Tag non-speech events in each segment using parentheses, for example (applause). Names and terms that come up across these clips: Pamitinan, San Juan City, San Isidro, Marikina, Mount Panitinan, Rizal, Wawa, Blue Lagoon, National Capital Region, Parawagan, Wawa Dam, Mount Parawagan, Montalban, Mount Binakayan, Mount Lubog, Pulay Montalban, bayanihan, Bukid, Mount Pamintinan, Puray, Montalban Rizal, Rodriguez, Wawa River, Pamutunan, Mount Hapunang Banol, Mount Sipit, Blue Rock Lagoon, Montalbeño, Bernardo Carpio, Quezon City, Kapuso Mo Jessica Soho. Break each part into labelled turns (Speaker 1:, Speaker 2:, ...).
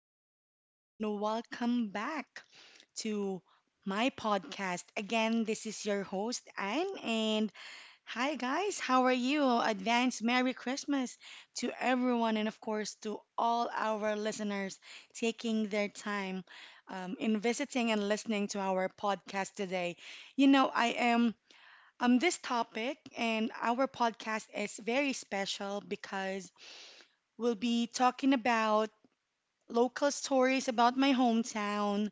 Speaker 1: everyone, and welcome back to my podcast. Again, this is your host, Anne, and hi, guys, how are you? Advance Merry Christmas to everyone, and of course, to all our listeners taking their time in visiting and listening to our podcast today. You know, I am. This topic and our podcast is very special because we'll be talking about local stories about my hometown,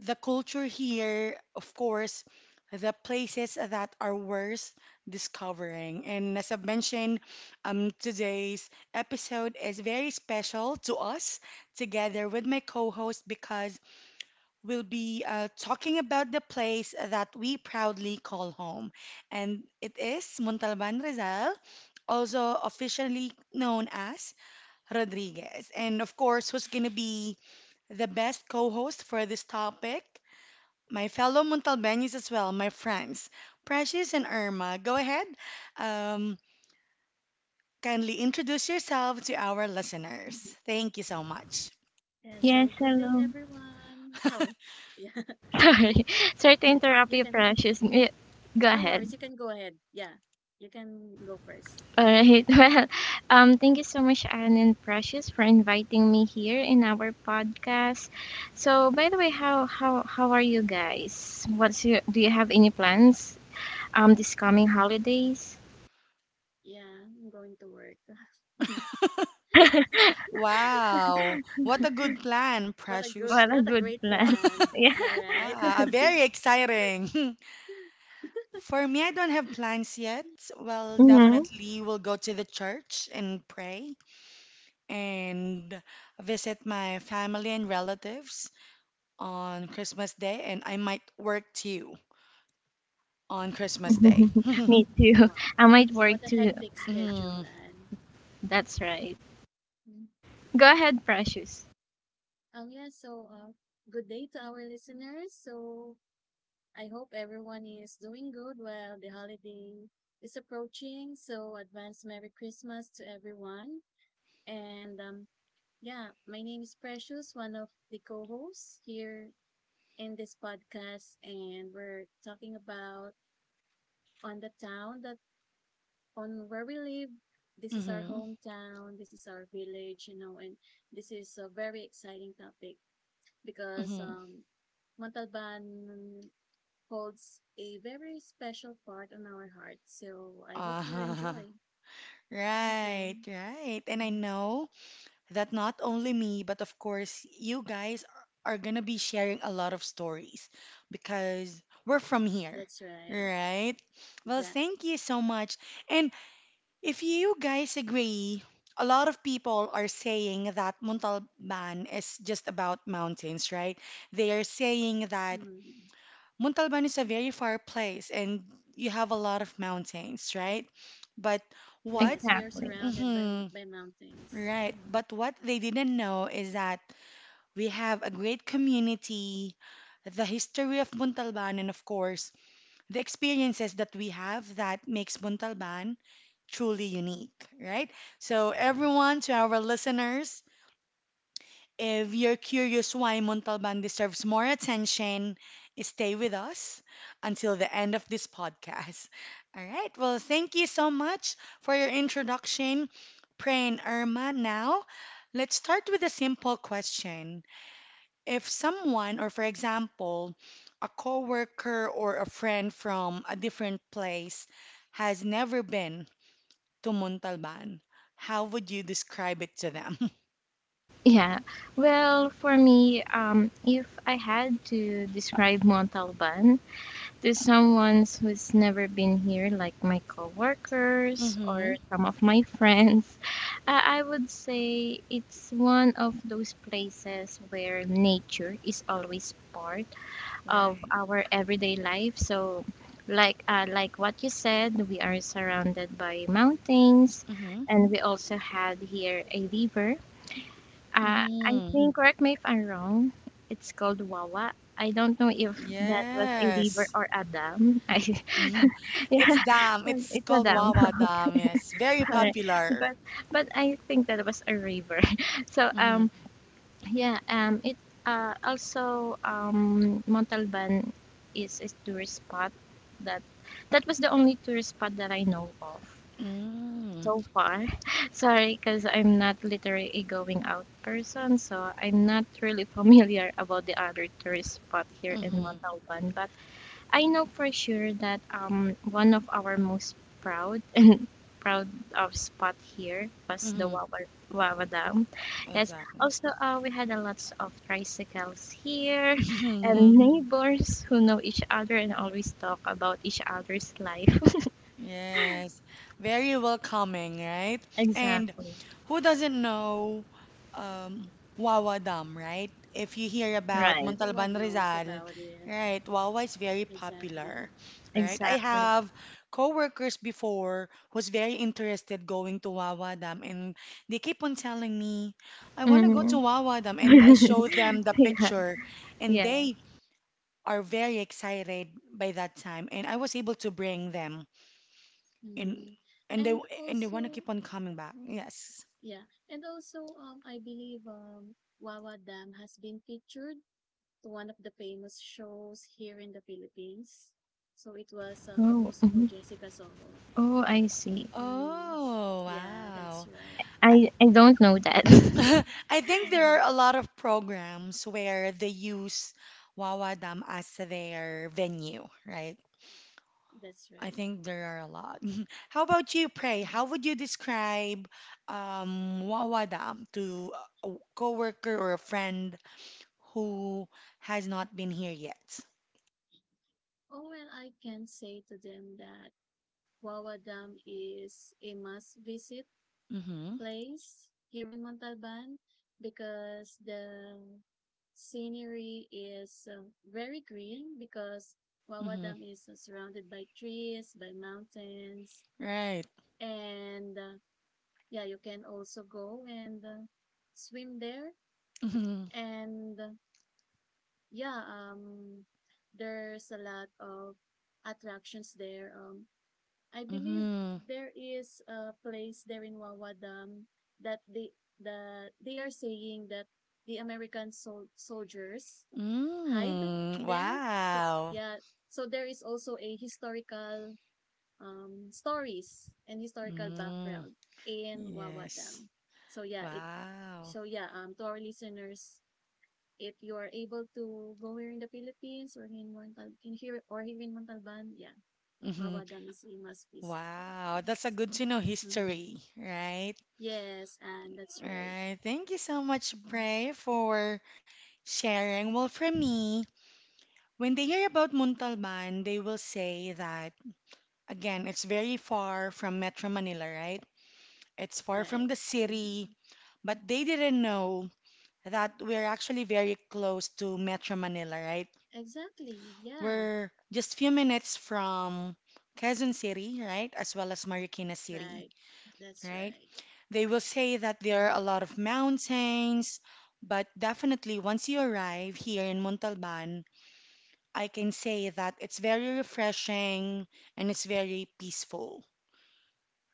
Speaker 1: the culture here, of course, the places that are worth discovering. And as I've mentioned, today's episode is very special to us together with my co host because we'll be talking about the place that we proudly call home. And it is Montalban Rizal, also officially known as Rodriguez. And of course, who's going to be the best co host for this topic? My fellow Montalbanese as well, my friends, Precious and Irma. Go ahead, um, kindly introduce yourself to our listeners.
Speaker 2: Mhm.
Speaker 1: Thank you so much.
Speaker 2: Yeah,
Speaker 3: Yes,
Speaker 2: so good day,
Speaker 3: hello.
Speaker 2: everyone.
Speaker 1: (laughs)
Speaker 2: Oh, (laughs) yeah,
Speaker 3: (laughs) Sorry. Sorry to
Speaker 2: yeah.
Speaker 3: interrupt
Speaker 2: You
Speaker 3: you,
Speaker 2: can,
Speaker 3: Precious. Y- Go
Speaker 2: no
Speaker 3: ahead.
Speaker 2: worries. You can go ahead. Yeah, you can go first.
Speaker 3: All right. (laughs) Well, thank you so much, Anne and Precious, for inviting me here in our podcast. So, by the way, how are you guys? What's your, do you have any plans this coming holidays?
Speaker 2: Yeah, I'm going to work. (laughs)
Speaker 1: Wow, what a good plan,
Speaker 3: (laughs)
Speaker 1: Precious.
Speaker 3: What a
Speaker 2: What a
Speaker 3: good
Speaker 2: great
Speaker 3: plan. (laughs)
Speaker 2: plan.
Speaker 1: (laughs)
Speaker 3: Yeah.
Speaker 2: Am I
Speaker 1: Ah, ah,
Speaker 2: right? (laughs)
Speaker 1: very exciting. (laughs) For me, I don't have plans yet. Well,
Speaker 3: Mm-hmm.
Speaker 1: definitely will go to the church and pray and visit my family and relatives on Christmas Day, and I might work too on Christmas Day.
Speaker 3: (laughs) Me
Speaker 1: (laughs)
Speaker 3: too.
Speaker 2: Wow,
Speaker 3: I might work
Speaker 2: what a
Speaker 3: too.
Speaker 2: hectic schedule,
Speaker 1: Mm-hmm.
Speaker 2: and
Speaker 3: That's right. Go ahead, Precious.
Speaker 2: yeah. So, good day to our listeners. So, I hope everyone is doing good while the holiday is approaching. So, advance Merry Christmas to everyone. And yeah, my name is Precious, one of the co hosts here in this podcast. And we're talking about on the town that on where we live. This is our
Speaker 1: Mm-hmm.
Speaker 2: hometown, this is our village, and this is a very exciting topic because
Speaker 1: Mm-hmm.
Speaker 2: Montalban holds a very special part on our heart. So I hope you
Speaker 1: Uh-huh. (laughs)
Speaker 2: enjoy. Thank
Speaker 1: Right,
Speaker 2: you.
Speaker 1: right. And I
Speaker 2: Mhm.
Speaker 1: know that not only me, but of course, you guys are gonna be sharing a lot of stories because we're from here,
Speaker 2: That's right.
Speaker 1: right? Well, thank you so much. And if you guys agree, a lot of people are saying that Montalban is just about mountains, right? They are saying that
Speaker 2: Exactly.
Speaker 1: Montalban is a very far place and you have a lot of mountains, right? But what?
Speaker 2: Yes, we are
Speaker 3: Exactly.
Speaker 2: surrounded by
Speaker 1: hmm
Speaker 2: by mountains.
Speaker 1: right.
Speaker 2: Mm.
Speaker 1: But what they didn't know is that we have a great community, the history of Montalban, and of course, the experiences that we have that makes Montalban truly unique, right? So, everyone, to our listeners, if you're curious why Montalban deserves more attention, stay with us until the end of this podcast. (laughs) All right. Well, thank you so much for your introduction, Prain Irma. Now, let's start with a simple question. If someone, or for example, a coworker or a friend from a different place, has never been to Montalban, how would you describe it to them? (laughs)
Speaker 3: Yeah. Well, for me, if I had to describe Montalban to someone who's never been here, like my coworkers
Speaker 1: Mm-hmm.
Speaker 3: or some of my friends, I would say it's one of those places where nature is always part of
Speaker 1: Right.
Speaker 3: our everyday life. So, like what you said, we are surrounded by mountains,
Speaker 1: Mm-hmm.
Speaker 3: and we also had here a river, I
Speaker 1: Mm-hmm.
Speaker 3: think, correct me if I'm wrong, it's called Wawa. I don't know if that was a river
Speaker 1: Yes.
Speaker 3: or a dam. (laughs)
Speaker 1: Mhm. (laughs)
Speaker 3: Yeah,
Speaker 1: It's dam. It's
Speaker 3: it's a
Speaker 1: called
Speaker 3: dam.
Speaker 1: Wawa Dam. Yes. Very
Speaker 3: (laughs) Alright.
Speaker 1: popular.
Speaker 3: But but I think that was a river. (laughs) So
Speaker 1: Mm-hmm.
Speaker 3: yeah, it also Montalban is a tourist spot that that was the only tourist spot that I know of,
Speaker 1: Mm-hmm.
Speaker 3: so far. (laughs) Sorry, because I'm not literally a going out person, so I'm not really (laughs) familiar about the other tourist spot here in Montalban. But I know for sure that one of our most proud (laughs) and proud of spot here was the
Speaker 1: Mm-hmm.
Speaker 3: Wawa Dam. Yes.
Speaker 1: Exactly.
Speaker 3: Also, we had a lots of tricycles here and
Speaker 1: (laughs)
Speaker 3: neighbors who know each other and always talk about each other's life. (laughs)
Speaker 1: Yes, very welcoming, right? And
Speaker 3: Exactly.
Speaker 1: who doesn't know um, Wawa Dam, right? If you hear
Speaker 2: Yeah,
Speaker 1: about
Speaker 3: Right.
Speaker 1: Montalban
Speaker 2: everyone knows
Speaker 1: Rizal,
Speaker 2: about it.
Speaker 1: right, Wawa is very
Speaker 2: Exactly.
Speaker 1: popular, right? I
Speaker 3: Exactly.
Speaker 1: have coworkers before who's very interested going to Wawa Dam, and they keep on telling me, I want to go to
Speaker 3: Mhm.
Speaker 1: Wawa Dam, and I
Speaker 3: (laughs)
Speaker 1: show them the
Speaker 3: Yeah,
Speaker 1: picture, and
Speaker 3: yeah.
Speaker 1: they are very excited by that time, and I was able to bring them and
Speaker 2: Mm.
Speaker 1: and they
Speaker 2: And
Speaker 1: and they want to keep
Speaker 2: also,
Speaker 1: on coming back. Yes.
Speaker 2: yeah, and also, I believe Wawa Dam has been featured to one of the famous shows here in the Philippines. So it was
Speaker 3: Oh,
Speaker 2: Kapuso Mo
Speaker 3: mhm.
Speaker 2: Jessica Soho.
Speaker 3: Oh, I see.
Speaker 2: Mm.
Speaker 1: Oh,
Speaker 2: Yeah, that's
Speaker 1: wow.
Speaker 2: right.
Speaker 1: I,
Speaker 3: I don't know that. (laughs)
Speaker 1: (laughs) I think there are a
Speaker 2: (laughs)
Speaker 1: lot of programs where they use Wawa Dam as their venue, right?
Speaker 2: That's
Speaker 1: I
Speaker 2: right.
Speaker 1: think there are a lot. (laughs) How about you, Prey?
Speaker 2: Mhm.
Speaker 1: How would you describe Wawa Dam to a coworker or a friend who has not been here yet?
Speaker 2: Oh, well, I can say to them that Wawa Dam is a must visit
Speaker 1: Mm-hmm.
Speaker 2: place here in Montalban because the scenery is very green because Wawa
Speaker 1: Mm-hmm.
Speaker 2: Dam is surrounded by trees, by mountains,
Speaker 1: Right.
Speaker 2: and yeah, you can also go and swim there.
Speaker 1: (laughs)
Speaker 2: And yeah, there's a lot of attractions there. I believe
Speaker 1: Mm-hmm.
Speaker 2: there is a place there in Wawa Dam that they are saying that the American soldiers hide
Speaker 1: Mm,
Speaker 2: there. So,
Speaker 1: wow.
Speaker 2: yeah, so there is also a historical stories and historical
Speaker 1: Mm,
Speaker 2: background in Wawa
Speaker 1: yes.
Speaker 2: Dam. So yeah,
Speaker 1: Wow.
Speaker 2: to our listeners, if you are able to go here in the Philippines or in Montal in here or here in Montalban, yeah,
Speaker 1: Hmm.
Speaker 2: Wawa Dam is a must visit.
Speaker 1: Wow, that's a
Speaker 2: Thanks.
Speaker 1: good to know
Speaker 2: Mhm.
Speaker 1: history, right?
Speaker 2: Yes, and that's right.
Speaker 1: Right. Thank you so much,
Speaker 2: Mhm.
Speaker 1: Prey, for sharing. Well, for me, when they hear about Muntalban, they will say that, again, it's very far from Metro Manila, right? It's far from
Speaker 2: Right.
Speaker 1: the
Speaker 2: Mhm.
Speaker 1: city, but they didn't know that we're actually very close to Metro Manila, right?
Speaker 2: Exactly. Yeah.
Speaker 1: We're just few minutes from Quezon City, right? As well as Marikina City,
Speaker 2: Right. That's
Speaker 1: right?
Speaker 2: right.
Speaker 1: They will say that there are a
Speaker 2: Mhm.
Speaker 1: lot of mountains, but definitely once you arrive here in Montalban, I can say that it's very refreshing and it's very peaceful,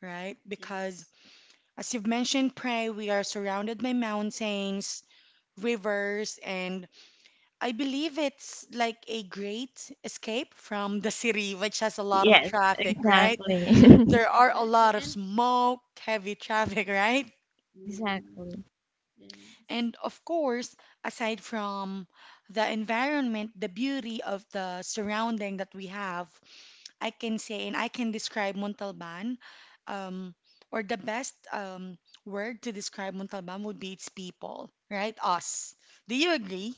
Speaker 1: right? Because
Speaker 2: Yes.
Speaker 1: as you've mentioned, Pray, we are surrounded by mountains, rivers, and I believe it's like a great escape from the city, which has a lot of
Speaker 3: Yes,
Speaker 1: traffic, right?
Speaker 3: exactly.
Speaker 1: There
Speaker 3: (laughs)
Speaker 1: are a
Speaker 2: Exactly.
Speaker 1: lot of
Speaker 2: And
Speaker 1: smoke, heavy (laughs) traffic, right?
Speaker 2: Mhm.
Speaker 3: Exactly.
Speaker 2: Yes,
Speaker 1: And of course, aside from the environment, the beauty of the surrounding that we have, I can say and I can describe Montalban, um, or the best word to describe Montalban would be its people, right? Us. Do you agree?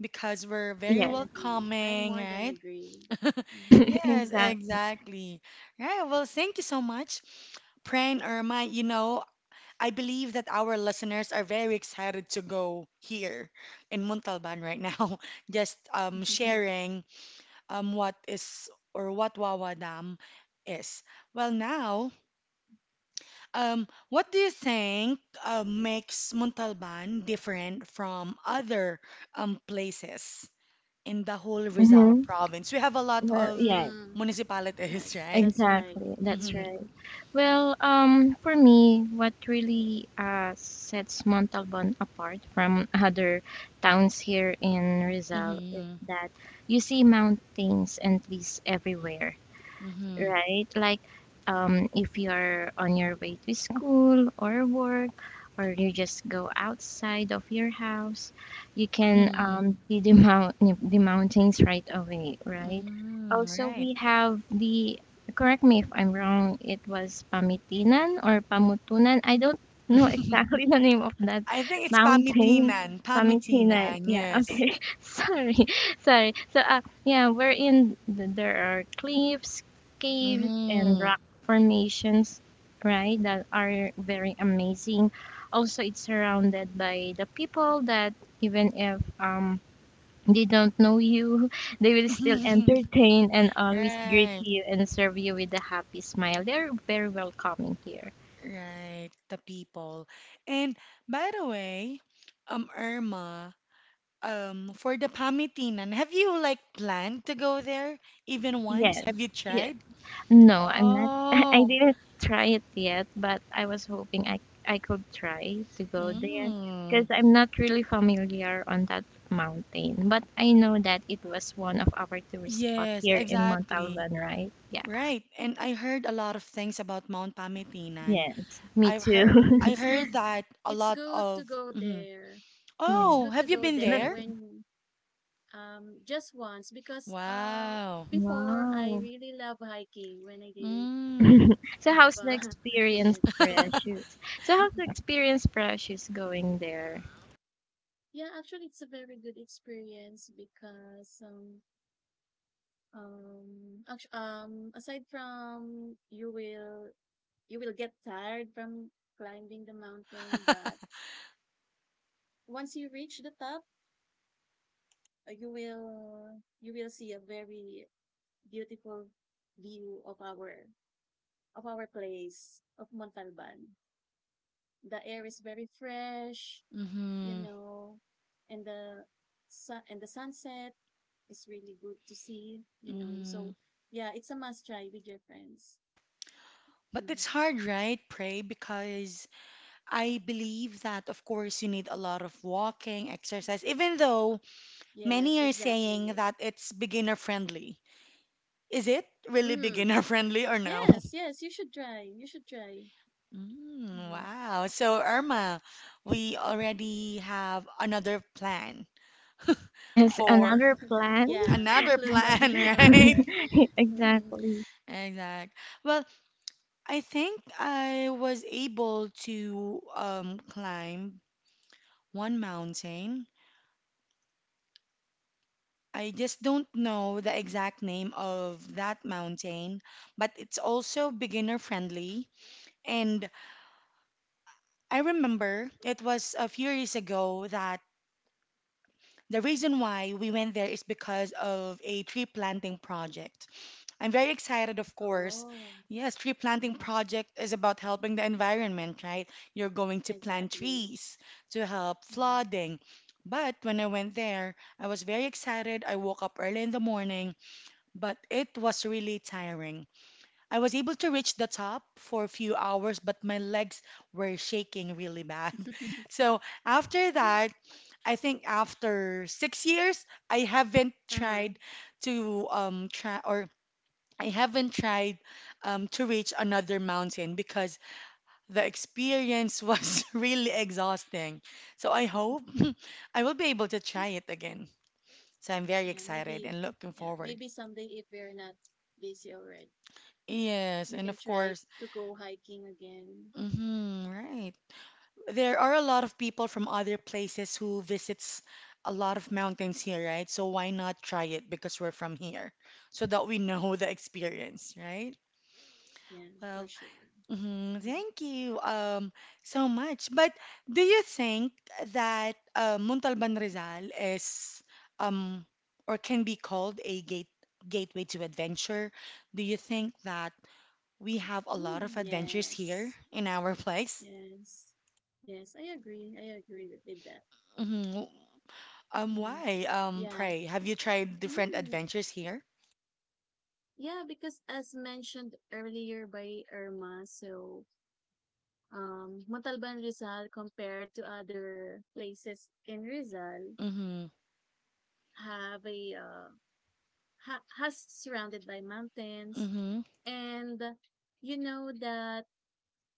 Speaker 1: Because we're very
Speaker 2: I
Speaker 3: Yes.
Speaker 2: agree. I
Speaker 1: welcoming,
Speaker 2: more than
Speaker 1: right?
Speaker 2: agree.
Speaker 1: (laughs)
Speaker 3: (laughs)
Speaker 1: Yes,
Speaker 2: Mm-hmm.
Speaker 3: Exactly.
Speaker 1: exactly. Right. Well, thank you so much, Pran or Irma. You know, I believe that our listeners are very excited to go here in Montalban right now, (laughs) just
Speaker 2: (laughs)
Speaker 1: sharing what is or what Wawa Dam is. Well, now, what do you think makes Montalban different from other places in the whole Rizal
Speaker 3: Mm-hmm.
Speaker 1: province? We have a lot
Speaker 3: Well,
Speaker 1: of
Speaker 2: Mm.
Speaker 1: municipalities, (laughs)
Speaker 2: Yes,
Speaker 1: right?
Speaker 2: that's right.
Speaker 3: exactly. That's
Speaker 1: Mm-hmm.
Speaker 3: right.
Speaker 2: Mhm.
Speaker 3: Well, for me, what really sets Montalban apart from other towns here in Rizal is
Speaker 1: Mm-hmm.
Speaker 3: that you see mountains and trees everywhere,
Speaker 1: Mm-hmm.
Speaker 3: right? If you're on your way to school or work, or you just go outside of your house, you can
Speaker 1: Mm-hmm.
Speaker 3: see the (laughs) mountains right away, right?
Speaker 1: Mm,
Speaker 3: Also,
Speaker 1: right.
Speaker 3: we have the, correct me if I'm wrong, it was Pamitinan or Pamutunan. I don't know
Speaker 1: (laughs)
Speaker 3: exactly (laughs) the name of that
Speaker 1: I think it's
Speaker 3: mountain.
Speaker 1: pamitinan.
Speaker 3: Pamitinan.
Speaker 1: Pamitinan,
Speaker 3: Yeah.
Speaker 1: yes.
Speaker 3: Okay. (laughs) Sorry. Sorry. So, There are cliffs, caves and
Speaker 1: Mm-hmm.
Speaker 3: rock formations, right? That are very amazing. Also, it's surrounded by the people that, even if they don't know you, (laughs) they will still
Speaker 1: (laughs)
Speaker 3: entertain and always greet
Speaker 1: Right,
Speaker 3: you and serve you with a happy smile. They're very welcoming here.
Speaker 1: right. The people. And by the way, Irma, for the Pamitinan, have you like planned to go there even once?
Speaker 3: Yes.
Speaker 1: Have you
Speaker 3: Yes.
Speaker 1: tried?
Speaker 3: No, I'm not. (laughs) I
Speaker 1: Oh,
Speaker 3: didn't try it yet, but I was hoping I could try to go there because
Speaker 1: mm,
Speaker 3: I'm not really familiar on that mountain, but I know that it was one of our tourist spot
Speaker 1: yes,
Speaker 3: here in
Speaker 1: exactly.
Speaker 3: Montalban, right? Yeah.
Speaker 1: Right. And I heard a lot of things about Mount Pamitinan.
Speaker 3: Yes, me
Speaker 1: I've
Speaker 2: Yeah.
Speaker 1: heard I
Speaker 3: too.
Speaker 2: It's good.
Speaker 1: heard that a
Speaker 2: It's
Speaker 1: lot
Speaker 2: good to
Speaker 1: of
Speaker 2: go
Speaker 1: mhm.
Speaker 2: there.
Speaker 3: (laughs)
Speaker 2: It's
Speaker 3: Yeah.
Speaker 1: Oh,
Speaker 2: good to
Speaker 1: have you
Speaker 2: go
Speaker 1: been
Speaker 3: Let,
Speaker 2: there
Speaker 1: there?
Speaker 2: when just once because
Speaker 1: Wow.
Speaker 2: before I
Speaker 3: wow.
Speaker 2: really love hiking when I didn't
Speaker 1: Mm.
Speaker 3: (laughs) So
Speaker 2: have
Speaker 3: how's the
Speaker 2: a, (laughs) a
Speaker 3: experience,
Speaker 2: kid.
Speaker 3: Precious? So how's the
Speaker 2: (laughs)
Speaker 3: experience, Precious, going there?
Speaker 2: Yeah, actually it's a very good experience because actu aside from you will get tired from climbing the mountain, but once you reach the top, you will see a very beautiful view of our place of Montalban. The air is very fresh, you
Speaker 1: Mm-hmm.
Speaker 2: know, and the sun and the sunset is really good to see.
Speaker 1: Mm-hmm.
Speaker 2: So yeah, it's a must try with your friends.
Speaker 1: But
Speaker 2: Mhm.
Speaker 1: it's hard, right? Pray, because I believe that of course you need a lot of walking, exercise, even though many
Speaker 2: Yes,
Speaker 1: are saying
Speaker 2: exactly.
Speaker 1: that it's beginner friendly. Is it really
Speaker 2: Mm.
Speaker 1: beginner (laughs) friendly or no?
Speaker 2: Yes, yes, you should try. You should try.
Speaker 1: Mm,
Speaker 2: Mhm.
Speaker 1: wow. So, Irma, we already have another plan
Speaker 3: Yes,
Speaker 1: for
Speaker 3: another plan.
Speaker 2: Yeah,
Speaker 1: another
Speaker 2: include that
Speaker 1: plan,
Speaker 2: in
Speaker 1: (laughs) right?
Speaker 2: your.
Speaker 3: (laughs)
Speaker 2: (laughs) Hmm.
Speaker 3: Exactly.
Speaker 1: Exact. Well, I think I was able to climb one mountain. I just don't know the exact name of that mountain, but it's also beginner friendly. And I remember it was a few years ago that the reason why we went there is because of a tree planting project. I'm very excited, of course.
Speaker 2: Oh.
Speaker 1: Yes, tree planting
Speaker 2: Mhm.
Speaker 1: project is about helping the environment, right? You're going to plant
Speaker 2: Exactly.
Speaker 1: trees to help
Speaker 2: Mhm.
Speaker 1: flooding. But when I went there, I was very excited. I woke up early in the morning, but it was really tiring. I was able to reach the top for a few hours, but my legs were shaking really bad.
Speaker 2: (laughs)
Speaker 1: (laughs) So after that, I think after 6 years,
Speaker 2: Uh-huh.
Speaker 1: to um try or I haven't tried to reach another mountain because the experience was (laughs) really exhausting. So I hope
Speaker 2: (laughs)
Speaker 1: (laughs) I will be able to try it again. So I'm very
Speaker 2: Yeah,
Speaker 1: excited
Speaker 2: maybe.
Speaker 1: and looking
Speaker 2: Yeah,
Speaker 1: forward.
Speaker 2: maybe someday if we're not busy already.
Speaker 1: Yes,
Speaker 2: We
Speaker 1: and
Speaker 2: can
Speaker 1: of
Speaker 2: try
Speaker 1: course,
Speaker 2: to go hiking again.
Speaker 1: right. There are a lot of people from other places who visits a lot of mountains here, right? So why not try it because we're from here, so that we know the experience, right?
Speaker 2: Yeah, for
Speaker 1: Well,
Speaker 2: sure.
Speaker 1: mhm,
Speaker 2: Mhm.
Speaker 1: thank you so much. But do you think that Muntalban Rizal is um or can be called a gateway to adventure? Do you think that we have a lot of
Speaker 2: Mm,
Speaker 1: adventures here
Speaker 2: yes.
Speaker 1: in our place?
Speaker 2: Yes. Yes, I agree. I agree with that.
Speaker 1: Mhm.
Speaker 2: Hmm.
Speaker 1: Why?
Speaker 2: Yeah.
Speaker 1: Pray, have you tried different
Speaker 2: Mm,
Speaker 1: adventures here?
Speaker 2: yeah, because as mentioned earlier by Irma, so Montalban Rizal compared to other places in Rizal
Speaker 1: Mm-hmm.
Speaker 2: have a ha has surrounded by mountains,
Speaker 1: Mm-hmm.
Speaker 2: and you know that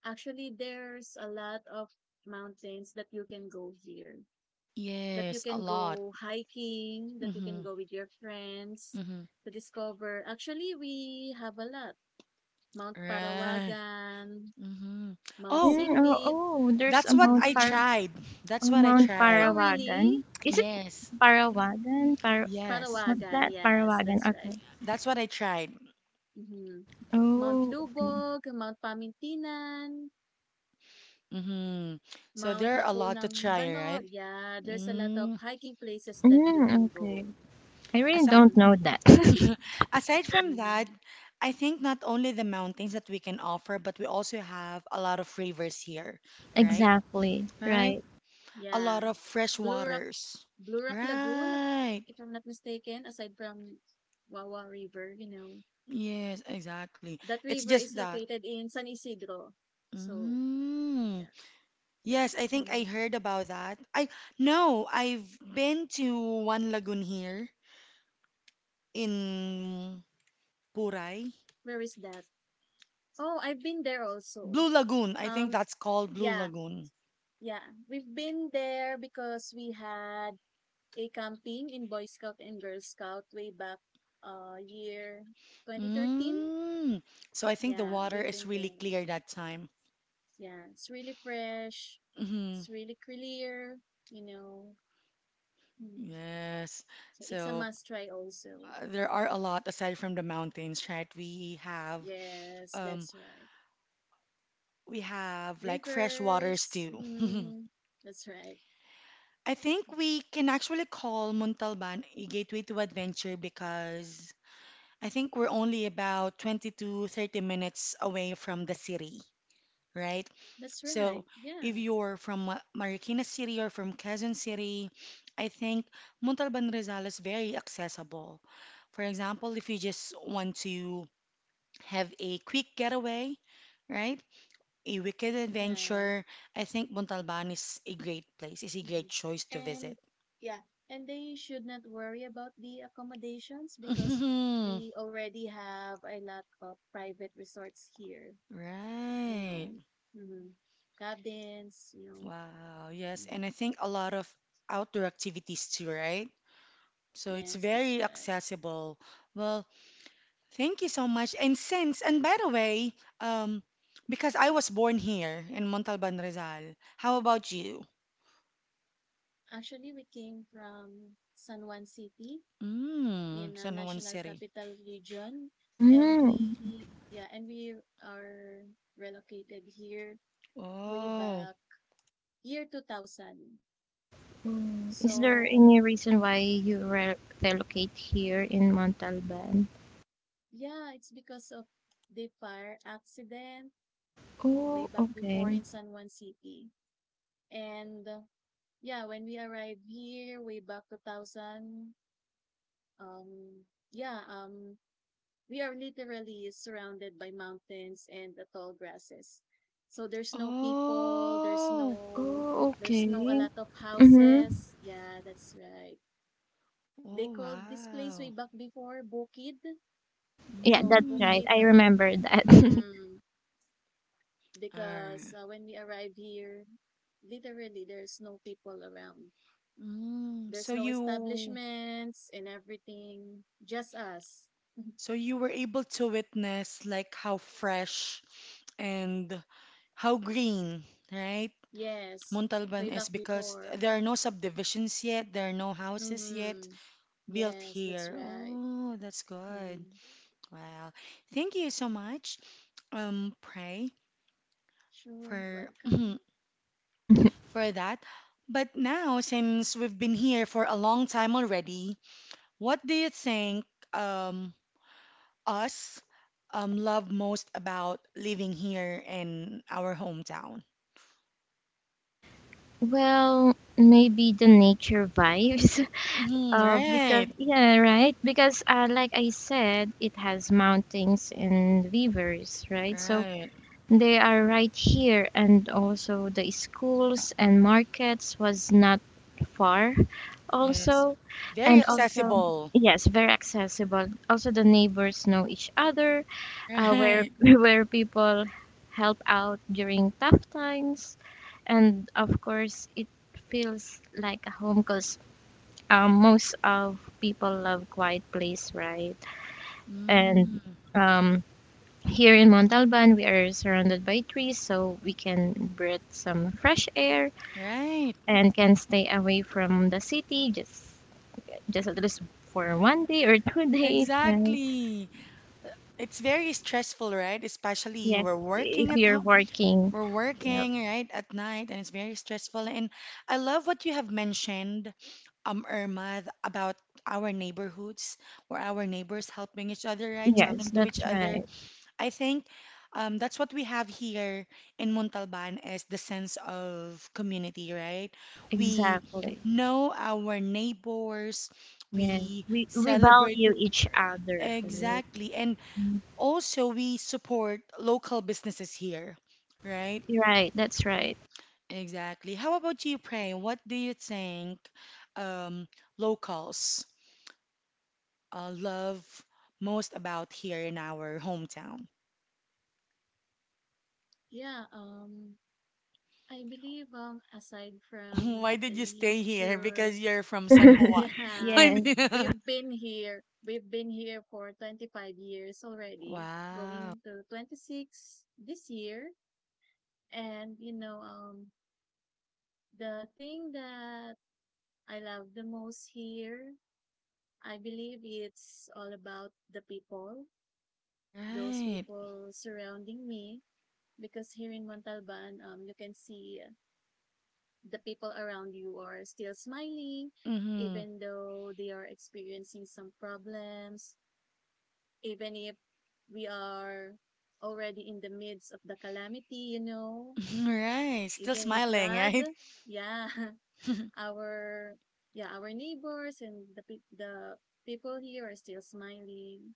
Speaker 2: actually, there's a lot of mountains that you can go here, that you
Speaker 1: Yes, a
Speaker 2: can
Speaker 1: lot.
Speaker 2: go hiking, that you
Speaker 1: Mm-hmm.
Speaker 2: can go with your friends
Speaker 1: Mm-hmm.
Speaker 2: to discover. Actually, we have a lot. Mount
Speaker 1: Right.
Speaker 2: Parawagan,
Speaker 1: Mm-hmm.
Speaker 2: Mount
Speaker 1: Oh,
Speaker 3: Mm, Oh,
Speaker 2: Sipit.
Speaker 3: oh, there's
Speaker 1: that's
Speaker 3: a
Speaker 1: what
Speaker 3: Mount
Speaker 1: I
Speaker 3: Par
Speaker 2: Mm-hmm.
Speaker 1: tried. That's
Speaker 3: oh,
Speaker 1: what I
Speaker 3: Mount
Speaker 1: tried.
Speaker 2: Oh,
Speaker 3: Parawagan.
Speaker 2: really?
Speaker 3: Is it
Speaker 1: Yes.
Speaker 2: Mm.
Speaker 3: Parawagan? Par
Speaker 1: Yes.
Speaker 3: what's
Speaker 2: Parawagan,
Speaker 3: that?
Speaker 2: yes,
Speaker 3: Parawagan,
Speaker 2: that's right.
Speaker 3: okay.
Speaker 1: That's what I tried.
Speaker 2: Mm-hmm. Mount
Speaker 3: Oh,
Speaker 2: Lubog, Mount Pamintinan,
Speaker 1: Mm-hmm. So
Speaker 2: Mount
Speaker 1: there are a lot to
Speaker 2: Hapunang
Speaker 1: try,
Speaker 2: Banol.
Speaker 1: right?
Speaker 2: Yeah, there's a lot of
Speaker 1: Mm.
Speaker 2: hiking places that you
Speaker 3: mm,
Speaker 2: can
Speaker 3: okay.
Speaker 2: go.
Speaker 3: I really
Speaker 1: Aside,
Speaker 3: don't
Speaker 2: Mhm.
Speaker 3: know that. (laughs)
Speaker 1: (laughs) aside from that,
Speaker 2: Mm,
Speaker 1: I think not only the mountains that we can offer, but we also have a lot of rivers here, right?
Speaker 3: Exactly,
Speaker 1: Right?
Speaker 3: right.
Speaker 1: A lot
Speaker 2: yeah.
Speaker 1: of fresh
Speaker 2: Blue Rock,
Speaker 1: waters.
Speaker 2: Blue Rock Lagoon, if
Speaker 1: Right.
Speaker 2: if I'm not mistaken, aside from Wawa River,
Speaker 1: Yes, exactly.
Speaker 2: that
Speaker 1: It's
Speaker 2: river
Speaker 1: just
Speaker 2: is
Speaker 1: that.
Speaker 2: located in San Isidro. So,
Speaker 1: Mm.
Speaker 2: yeah.
Speaker 1: Yes, I think I
Speaker 2: Mm,
Speaker 1: heard about that. I, no, I've been to one lagoon here in Puray.
Speaker 2: where is that? Oh, I've been there also.
Speaker 1: Blue Lagoon. I think
Speaker 2: Um,
Speaker 1: that's called Blue
Speaker 2: yeah,
Speaker 1: Lagoon.
Speaker 2: yeah. We've been there because we had a camping in Boy Scout and Girl Scout way back year 2013.
Speaker 1: Mm. So I think the
Speaker 2: Yeah,
Speaker 1: water
Speaker 2: we've
Speaker 1: is
Speaker 2: been
Speaker 1: really
Speaker 2: there.
Speaker 1: clear that time.
Speaker 2: Yeah, it's really fresh.
Speaker 1: hmm
Speaker 2: It's really clear, you know. Mm.
Speaker 1: Yes.
Speaker 2: So it's a
Speaker 1: So
Speaker 2: must try also.
Speaker 1: there are a lot aside from the mountains, right? We have
Speaker 2: Yes,
Speaker 1: um.
Speaker 2: that's right.
Speaker 1: We have like fresh waters
Speaker 2: Rivers.
Speaker 1: too. (laughs)
Speaker 2: Mm, that's right.
Speaker 1: I
Speaker 2: Mhm.
Speaker 1: think we can actually call Montalban a gateway to adventure because I think we're only about 20 to 30 minutes away from the city, right?
Speaker 2: That's
Speaker 1: So
Speaker 2: right.
Speaker 1: if
Speaker 2: Yeah,
Speaker 1: you're from Marikina City or from Quezon City, I think Montalban Rizal is very accessible. For example, if you just want to have a quick getaway, right? A wicked
Speaker 2: right.
Speaker 1: adventure, I think Montalban is a great place, is a great
Speaker 2: Hmm.
Speaker 1: choice to visit.
Speaker 2: And yeah, and they should not worry about the accommodations because
Speaker 1: Mhm.
Speaker 2: we already have a lot of private resorts here, you know.
Speaker 1: Right.
Speaker 2: Hmm. Cabins.
Speaker 1: Wow. Yes. And
Speaker 2: Hmm.
Speaker 1: I think a lot of outdoor activities too, right? So it's
Speaker 2: Yes, that's
Speaker 1: very
Speaker 2: right.
Speaker 1: accessible. Well, thank you so much. And since, and by the way, um, because I was born here in Montalban, Rizal, how about you?
Speaker 2: Actually, we came from San Juan City
Speaker 1: Mm,
Speaker 2: in a
Speaker 1: San Juan
Speaker 2: National
Speaker 1: City.
Speaker 2: Capital Region, and
Speaker 3: Mm.
Speaker 2: we yeah, and we are relocated here way
Speaker 1: Oh.
Speaker 2: back year 2000.
Speaker 3: Mm. Is there
Speaker 2: So,
Speaker 3: any reason why you re relocate here in Montalban?
Speaker 2: yeah, it's because of the fire accident way
Speaker 3: Oh,
Speaker 2: back before
Speaker 3: okay.
Speaker 2: in San Juan City. And yeah, when we arrived here way back 2000, um yeah, um we are literally surrounded by mountains and the tall grasses. So there's no people, there's
Speaker 1: Oh.
Speaker 2: no
Speaker 3: Oh,
Speaker 2: there's no a
Speaker 3: okay.
Speaker 2: lot of
Speaker 3: Mm-hmm.
Speaker 2: houses. Yeah, that's right. They
Speaker 1: Oh,
Speaker 2: called this place
Speaker 1: wow.
Speaker 2: way back before Bukid.
Speaker 3: Yeah,
Speaker 2: So
Speaker 3: that's right.
Speaker 1: Mm.
Speaker 2: Bukid,
Speaker 3: I remember that. (laughs)
Speaker 2: mhm, because
Speaker 1: Alright.
Speaker 2: when we arrive here, literally there's no people around.
Speaker 1: Mm.
Speaker 2: There's
Speaker 1: So
Speaker 2: no
Speaker 1: you,
Speaker 2: establishments and everything. Just us. (laughs)
Speaker 1: so you were able to witness like how fresh and how green, right?
Speaker 2: Yes,
Speaker 1: Montalban
Speaker 2: way back
Speaker 1: is because
Speaker 2: before.
Speaker 1: there are no subdivisions yet, there are no houses yet
Speaker 2: Mm-hmm.
Speaker 1: built
Speaker 2: Yes, that's
Speaker 1: here.
Speaker 2: right.
Speaker 1: Oh, that's good.
Speaker 2: Mm,
Speaker 1: Wow. Thank you so much, Pray,
Speaker 2: sure, you're
Speaker 1: for (clears throat)
Speaker 2: welcome.
Speaker 1: for that. But now, since we've been here for a long time already, what do you think um us love most about living here in our hometown.
Speaker 3: Well, maybe the nature vibes. (laughs)
Speaker 1: Mhm,
Speaker 3: Because
Speaker 1: right,
Speaker 3: yeah, right. Because like I said, it has mountains and rivers, right? So
Speaker 1: right.
Speaker 3: they are right here, and also the schools and markets was not far,
Speaker 1: Yes.
Speaker 3: also,
Speaker 1: Very
Speaker 3: and also
Speaker 1: accessible.
Speaker 3: yes, very accessible. Also, the neighbors know each other, where
Speaker 1: Right.
Speaker 3: (laughs) where people help out during tough times, and of course, it feels like a home because most of people love quiet place, right? And
Speaker 1: Mm,
Speaker 3: um, here in Montalban, we are surrounded by trees, so we can breathe some fresh air
Speaker 1: right.
Speaker 3: and can stay away from the city just at least for one day or (laughs) 2 days, right?
Speaker 1: Exactly. It's very stressful, right? Especially
Speaker 3: Yes,
Speaker 1: we're working
Speaker 3: if
Speaker 1: at
Speaker 3: you're
Speaker 1: home.
Speaker 3: working.
Speaker 1: We're
Speaker 3: Yeah,
Speaker 1: working, right, at night, and it's very stressful. And I love what you have mentioned, Irma, about our neighborhoods where our neighbors helping each other, right?
Speaker 3: yes,
Speaker 1: Talking to each
Speaker 3: that's
Speaker 1: other,
Speaker 3: right.
Speaker 1: I think that's what we have here in Montalban is the sense of community, right? We
Speaker 3: Exactly.
Speaker 1: know our neighbors,
Speaker 3: Yeah,
Speaker 1: we
Speaker 3: we
Speaker 1: celebrate
Speaker 3: value each other. Right,
Speaker 1: exactly, and also we support local businesses here, right?
Speaker 3: right, that's right.
Speaker 1: Exactly. How about you, Pray? What do you think um, locals love most about here in our hometown?
Speaker 2: Yeah, I believe aside
Speaker 1: (laughs)
Speaker 2: from
Speaker 1: Why did
Speaker 2: the
Speaker 1: you stay here? Because
Speaker 2: nature,
Speaker 1: you're from San
Speaker 2: (laughs)
Speaker 1: Juan.
Speaker 3: (laughs)
Speaker 1: (laughs)
Speaker 2: yeah,
Speaker 1: Why
Speaker 3: Yes,
Speaker 1: did...
Speaker 2: we've
Speaker 1: (laughs)
Speaker 2: been here. We've been here for 25 years already,
Speaker 1: Wow.
Speaker 2: going to 26 this year. And the thing that I love the most here, I believe it's all about the people, those
Speaker 1: Right.
Speaker 2: people surrounding me because here in Montalban, you can see the people around you are still smiling,
Speaker 1: Mm-hmm.
Speaker 2: even though they are experiencing some problems, even if we are already in the midst of the calamity,
Speaker 1: (laughs) Right. Still
Speaker 2: even in
Speaker 1: smiling,
Speaker 2: flood.
Speaker 1: right?
Speaker 2: Yeah,
Speaker 1: (laughs)
Speaker 2: (laughs) our yeah our neighbors and the the people here are still smiling,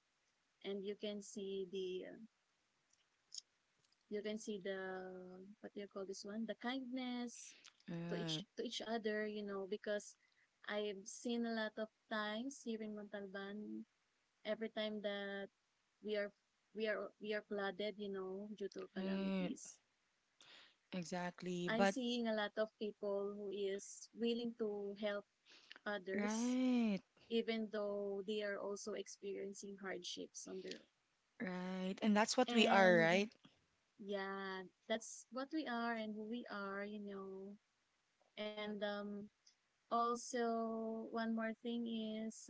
Speaker 2: and you can see the what do you call this one the kindness to
Speaker 1: Right.
Speaker 2: each to each other, because I've seen a lot of times here in Montalban, every time that we are we are flooded, due to
Speaker 1: Right.
Speaker 2: calamities.
Speaker 1: Exactly.
Speaker 2: I'm
Speaker 1: But
Speaker 2: seeing a lot of people who is willing to help others,
Speaker 1: right.
Speaker 2: even though they are also experiencing hardships on their own.
Speaker 1: Right. And that's what we are,
Speaker 2: And
Speaker 1: right?
Speaker 2: yeah, that's what we are and who we are. And also one more thing is,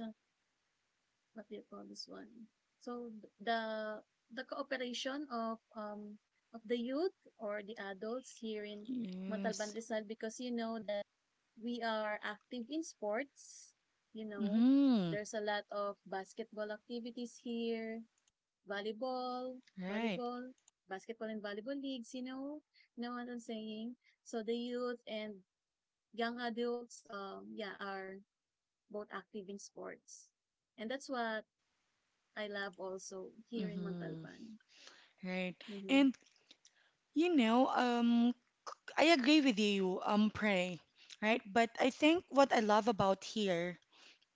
Speaker 2: what do you call this one? So the the cooperation of the youth or the adults here in
Speaker 1: Yes.
Speaker 2: Montalban Rizal because you know that we are active in sports, you know.
Speaker 1: Mm-hmm.
Speaker 2: There's a lot of basketball activities here, volleyball,
Speaker 1: Right.
Speaker 2: volleyball, basketball and volleyball leagues. You know what I'm saying? So the youth and young adults are both active in sports. And that's what I love also here in
Speaker 1: Mm-hmm.
Speaker 2: Montalban.
Speaker 1: Right.
Speaker 2: Mm-hmm.
Speaker 1: And you know, I agree with you, pray. Right. But I think what I love about here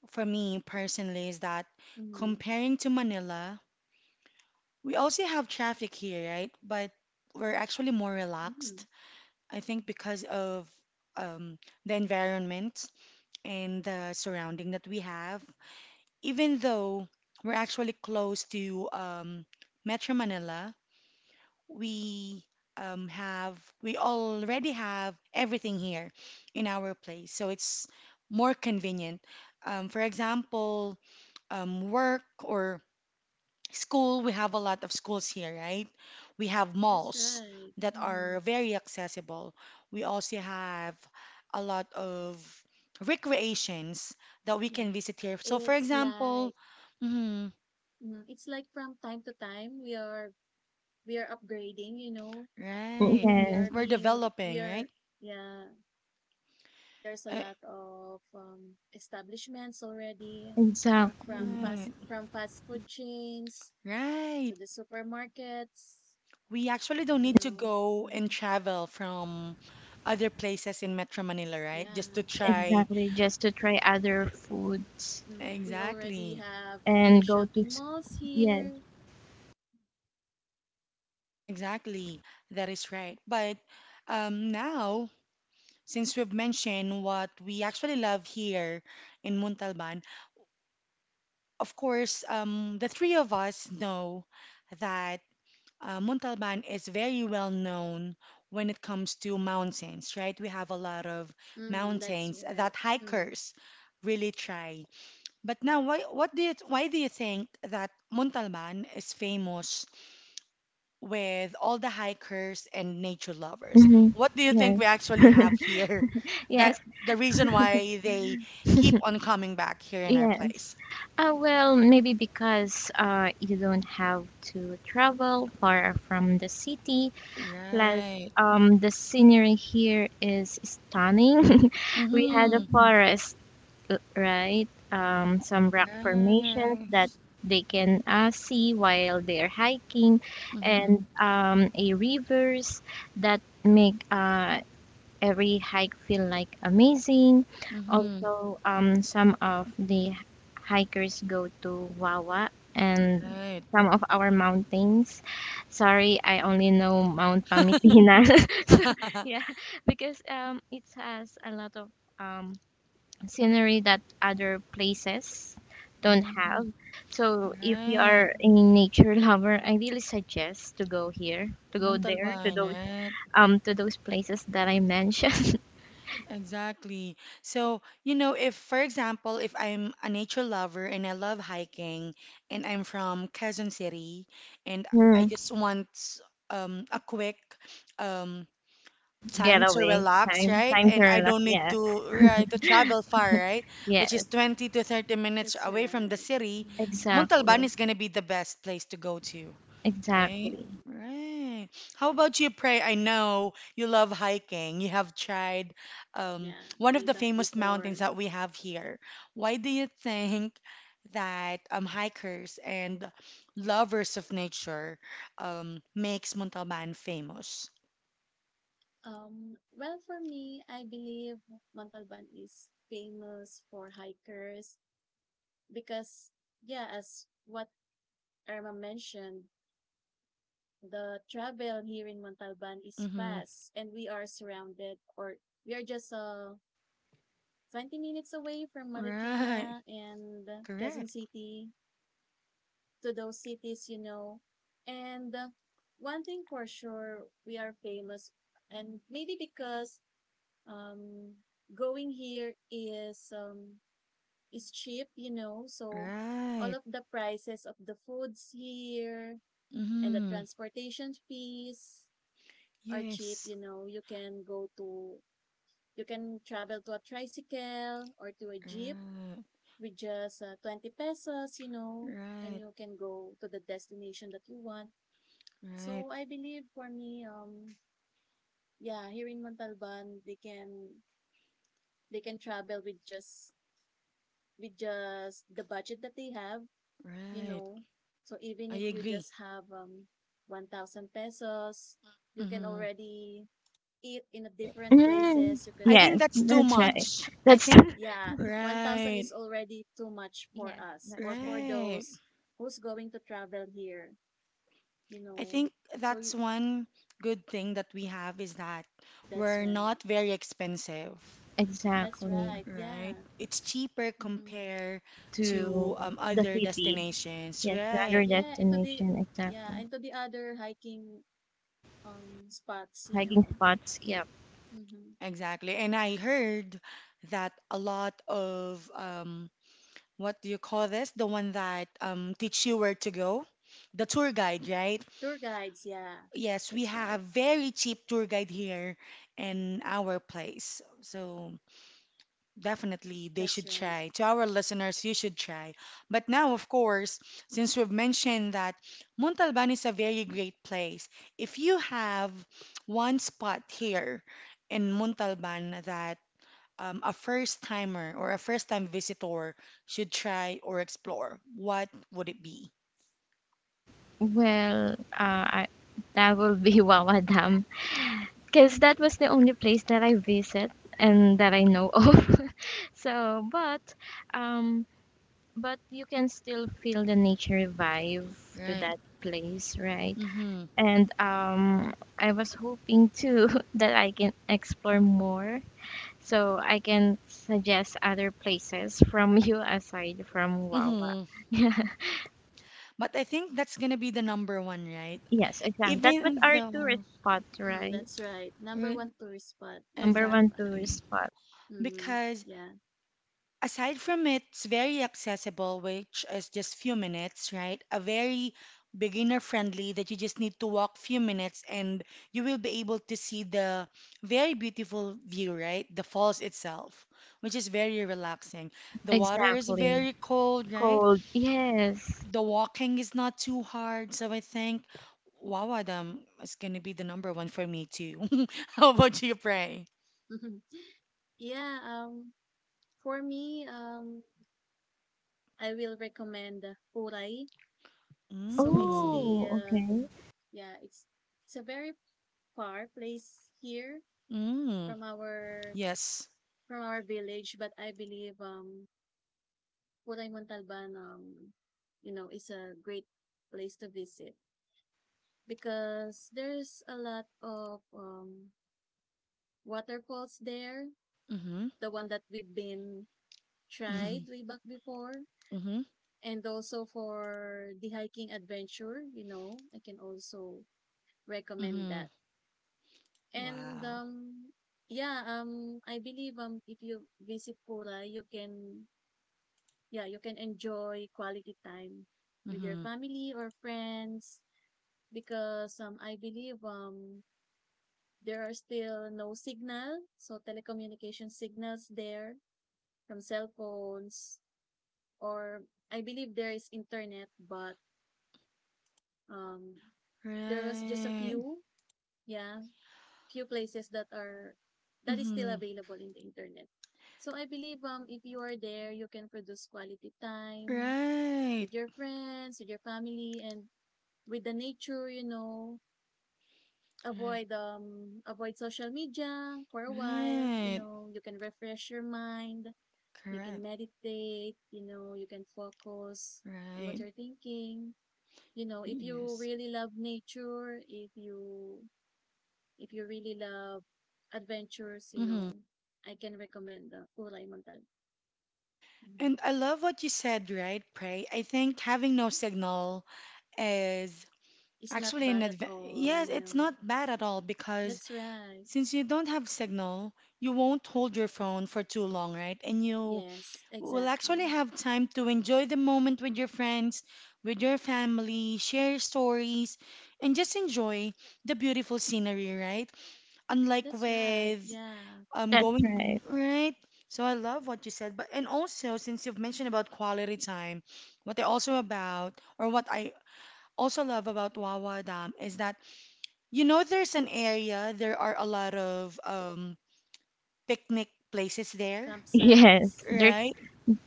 Speaker 1: for me personally is that
Speaker 2: Mm-hmm.
Speaker 1: comparing to Manila, we also have traffic here, right? But we're actually more
Speaker 2: Mm-hmm.
Speaker 1: relaxed. I think because of um, the environment and the surrounding that we have, even though we're actually close to Metro Manila, we have we already have everything here in our place, so it's more convenient. For example, work or school, we have a lot of schools here, right? We have
Speaker 2: That's
Speaker 1: malls
Speaker 2: right.
Speaker 1: that
Speaker 2: Mm-hmm.
Speaker 1: are very accessible. We also have a lot of recreations that we can
Speaker 2: Yeah.
Speaker 1: visit here. So, for
Speaker 2: It's
Speaker 1: example,
Speaker 2: like
Speaker 1: mhm,
Speaker 2: it's like from time to time we are upgrading.
Speaker 1: right,
Speaker 2: We
Speaker 3: yes.
Speaker 2: are
Speaker 1: we're
Speaker 2: being we
Speaker 1: developing,
Speaker 2: are
Speaker 1: right?
Speaker 2: yeah, there's a
Speaker 1: Uh,
Speaker 2: lot of establishments already
Speaker 3: Exactly,
Speaker 2: from fast
Speaker 1: right,
Speaker 2: from fast food chains
Speaker 1: right.
Speaker 2: to the supermarkets,
Speaker 1: We actually don't
Speaker 2: you
Speaker 1: need to
Speaker 2: know.
Speaker 1: go and
Speaker 2: Mm-hmm.
Speaker 1: travel from other places in Metro Manila, right? Just to
Speaker 2: Yeah.
Speaker 1: try.
Speaker 3: exactly. Just to try other foods
Speaker 2: We already
Speaker 1: Exactly.
Speaker 2: have a
Speaker 3: and
Speaker 2: shopping malls
Speaker 3: yes,
Speaker 2: here.
Speaker 1: Exactly, that is right. But now, since we've mentioned what we actually love here in Montalban, of course, the three of us know that Montalban is very well known when it comes to mountains, right? We have a lot of
Speaker 2: Mhm, that's
Speaker 1: mountains
Speaker 2: right.
Speaker 1: that
Speaker 2: Mm,
Speaker 1: hikers really try. But now, why do you think that Montalban is famous with all the hikers and nature lovers?
Speaker 3: mhm,
Speaker 1: What do you think
Speaker 3: yes,
Speaker 1: we actually have here? (laughs) That
Speaker 3: yes,
Speaker 1: the reason why they keep on coming back here in our
Speaker 3: yes.
Speaker 1: place.
Speaker 3: Well, maybe because you don't have to travel far from the city. Plus,
Speaker 1: Right.
Speaker 3: the scenery here is stunning. (laughs) We had a
Speaker 1: Mm-hmm.
Speaker 3: forest right? Some rock formations that
Speaker 1: Nice.
Speaker 3: they can see while they're hiking,
Speaker 1: Mm-hmm.
Speaker 3: and a rivers that make every hike feel like amazing.
Speaker 1: Mm-hmm.
Speaker 3: Also, some of the hikers go to Wawa and
Speaker 1: Right.
Speaker 3: some of our mountains. Sorry, I only know Mount Pamitina. (laughs) So
Speaker 1: (laughs)
Speaker 3: yeah, because it has a lot of um, scenery that other places don't
Speaker 1: Mm-hmm.
Speaker 3: have. So if you
Speaker 1: Right.
Speaker 3: are a nature lover, I really suggest to go here, to go there,
Speaker 1: Montalban, right?
Speaker 3: to those places that I mentioned.
Speaker 1: Exactly. So, you know, if, for example, if I'm a nature lover and I love hiking and I'm from Quezon City
Speaker 3: (laughs)
Speaker 1: and I
Speaker 3: Hmm.
Speaker 1: just want a quick um, time to
Speaker 3: Getaway
Speaker 1: relax,
Speaker 3: time,
Speaker 1: right?
Speaker 3: time to
Speaker 1: And I
Speaker 3: relax.
Speaker 1: don't need
Speaker 3: Yeah,
Speaker 1: to, right, to travel far, right? Which
Speaker 3: yeah,
Speaker 1: is 20 to 30 minutes
Speaker 2: that's
Speaker 1: away from the
Speaker 2: right.
Speaker 1: city,
Speaker 2: Mhm.
Speaker 3: exactly,
Speaker 1: Montalban is going to be the best place to go to. Right?
Speaker 3: exactly.
Speaker 1: Right. How about you, Pray? I know you love hiking. You have tried
Speaker 2: Yeah,
Speaker 1: one of
Speaker 2: way
Speaker 1: the
Speaker 2: back
Speaker 1: famous
Speaker 2: before.
Speaker 1: mountains that we have here. Why do you think that hikers and lovers of nature makes Montalban famous?
Speaker 2: Well, for me, I believe Montalban is famous for hikers because, yeah, as what Irma mentioned, the travel here in Montalban is
Speaker 1: Mm-hmm.
Speaker 2: fast and we are surrounded or we are just 20 minutes away from
Speaker 1: Right.
Speaker 2: Marikina and Quezon
Speaker 1: Correct.
Speaker 2: City, to those cities. And one thing for sure, we are famous, and maybe because um, going here is is cheap. So all
Speaker 1: Right.
Speaker 2: of the prices of the foods here and the
Speaker 1: Mm-hmm.
Speaker 2: transportation fees are cheap,
Speaker 1: Yes.
Speaker 2: you know. You can travel to a tricycle or to a jeep
Speaker 1: Right.
Speaker 2: with just 20 pesos, and
Speaker 1: Right.
Speaker 2: you can go to the destination that you want.
Speaker 1: Right.
Speaker 2: So I believe for me, yeah, here in Montalban, they can travel with just the budget that they have, you
Speaker 1: Right.
Speaker 2: know. So
Speaker 1: I
Speaker 2: even if you
Speaker 1: agree.
Speaker 2: just have 1,000 pesos, you can
Speaker 1: Mm-hmm.
Speaker 2: already eat in a different
Speaker 3: Mm,
Speaker 2: places.
Speaker 1: I think
Speaker 3: yes,
Speaker 1: that's too
Speaker 3: that's right.
Speaker 1: much. I
Speaker 3: That's
Speaker 1: think,
Speaker 3: (laughs)
Speaker 2: Yeah, 1,000
Speaker 1: right,
Speaker 2: is already too much for
Speaker 3: yes,
Speaker 2: us or
Speaker 3: that's
Speaker 2: for
Speaker 3: right.
Speaker 1: right.
Speaker 2: those who's going to travel here, you
Speaker 1: I
Speaker 2: know.
Speaker 1: think
Speaker 2: So you,
Speaker 1: that's one good thing that we have is that
Speaker 2: that's
Speaker 1: we're
Speaker 2: right.
Speaker 1: not very expensive,
Speaker 2: That's
Speaker 3: Exactly
Speaker 2: right.
Speaker 1: right?
Speaker 2: Yeah.
Speaker 1: It's cheaper
Speaker 2: Mm-hmm.
Speaker 1: compared to
Speaker 3: to the
Speaker 1: other
Speaker 3: city.
Speaker 1: destinations,
Speaker 3: Yes, to other
Speaker 1: right?
Speaker 2: Yeah, and to the
Speaker 3: destination.
Speaker 2: yeah,
Speaker 3: Exactly
Speaker 2: and to the other hiking spots, you
Speaker 3: hiking
Speaker 2: know.
Speaker 3: spots. Yeah.
Speaker 2: Mm-hmm.
Speaker 1: Exactly. And I heard that a lot of what do you call this? The one that teach you where to go, the tour guide, right?
Speaker 2: Tour guides, yeah.
Speaker 1: Yes, we
Speaker 2: That's
Speaker 1: have
Speaker 2: right.
Speaker 1: very cheap tour guide here in our place. So definitely they
Speaker 2: That's
Speaker 1: should
Speaker 2: right.
Speaker 1: try. To our listeners, you should try. But now, of course, since we've mentioned that Montalban is a very great place, if you have one spot here in Montalban that a first timer or a first time visitor should try or explore, what would it be?
Speaker 3: Well, that will be (laughs) Wawa Dam because that was the only place that I visit and that I know of. (laughs) So, um, but you can still feel the nature vibe to
Speaker 1: Right.
Speaker 3: that place, right?
Speaker 1: Mm-hmm.
Speaker 3: And I was hoping too (laughs) that I can explore more, so I can suggest other places from (laughs) you aside from Wawa.
Speaker 1: Mm-hmm. But I think that's gonna be the number one, right?
Speaker 3: (laughs) Yes, exactly. That was
Speaker 1: Even
Speaker 3: our
Speaker 1: though,
Speaker 3: tourist spot,
Speaker 2: Mm,
Speaker 3: right?
Speaker 2: that's right. Number
Speaker 1: right,
Speaker 2: one tourist spot in
Speaker 3: Number one
Speaker 2: Montalban.
Speaker 3: tourist
Speaker 1: exactly.
Speaker 3: spot.
Speaker 2: Mm-hmm.
Speaker 1: Because
Speaker 2: Yeah.
Speaker 1: aside from it's very accessible, which is just few minutes, right? A very beginner friendly that you just need to walk few minutes and you will be able to see the very beautiful view, right? The falls itself, which is very relaxing. The water is
Speaker 3: Exactly.
Speaker 1: very cold, right?
Speaker 3: Cold. Yes.
Speaker 1: The walking is not too hard, so I think Wawadam is gonna be the number one for me too. (laughs) How about you, Pray?
Speaker 2: Mm-hmm. Yeah, for me, I will recommend Puray. So it's
Speaker 1: Mm,
Speaker 2: the
Speaker 3: Oh, okay.
Speaker 2: yeah, it's a very far place here
Speaker 1: mm,
Speaker 2: from our
Speaker 1: yes.
Speaker 2: from our village, but I believe Pulay Montalban, is a great place to visit because there's a lot of waterfalls there.
Speaker 1: Mm-hmm,
Speaker 2: The one that we've been tried way back before,
Speaker 1: mm-hmm,
Speaker 2: and also for the hiking adventure, I can also recommend
Speaker 1: mm-hmm.
Speaker 2: that. And
Speaker 1: Wow.
Speaker 2: yeah, I believe if you visit Pura, you can yeah, you can enjoy quality time with your
Speaker 1: Mm-hmm.
Speaker 2: family or friends because I believe there are still no signal, so telecommunication signals there from cell phones, or I believe there is internet, but um, there was just
Speaker 1: Right.
Speaker 2: yeah, few places that is still
Speaker 1: Mm-hmm.
Speaker 2: available in the internet. So I believe if you are there, you can produce quality time
Speaker 1: Right.
Speaker 2: with your friends, with your family, and with the nature,
Speaker 1: Right.
Speaker 2: avoid avoid social media for a while you
Speaker 1: Right.
Speaker 2: know You can refresh your mind You can
Speaker 1: Correct.
Speaker 2: meditate. You can focus on what
Speaker 1: Right.
Speaker 2: you're thinking. If you
Speaker 1: Yes.
Speaker 2: really love nature, if you really love adventures you
Speaker 1: Mm-hmm.
Speaker 2: know I can recommend the Kulay Montal. Mhm.
Speaker 1: And I love what you said, right, Pray? I think having no signal is
Speaker 2: It's not
Speaker 1: actually, in
Speaker 2: bad at
Speaker 1: advance,
Speaker 2: all you
Speaker 1: yes, it's
Speaker 2: know
Speaker 1: not bad at all because
Speaker 2: That's right.
Speaker 1: since you don't have signal, you won't hold your phone for too long, right? And you
Speaker 2: Yes,
Speaker 1: will actually
Speaker 2: exactly.
Speaker 1: have time to enjoy the moment with your friends, with your family, share stories, and just enjoy the beautiful scenery, right? Unlike
Speaker 2: That's right,
Speaker 1: with
Speaker 2: yeah.
Speaker 3: That's
Speaker 1: going,
Speaker 3: right. (laughs)
Speaker 1: right? So I love what you said, but and also since you've mentioned about quality time, what I also about or what I also love about Wawa Dam is that you know, there's an area, there are a lot of picnic places there,
Speaker 2: Campsites.
Speaker 3: Yes. There's
Speaker 1: right?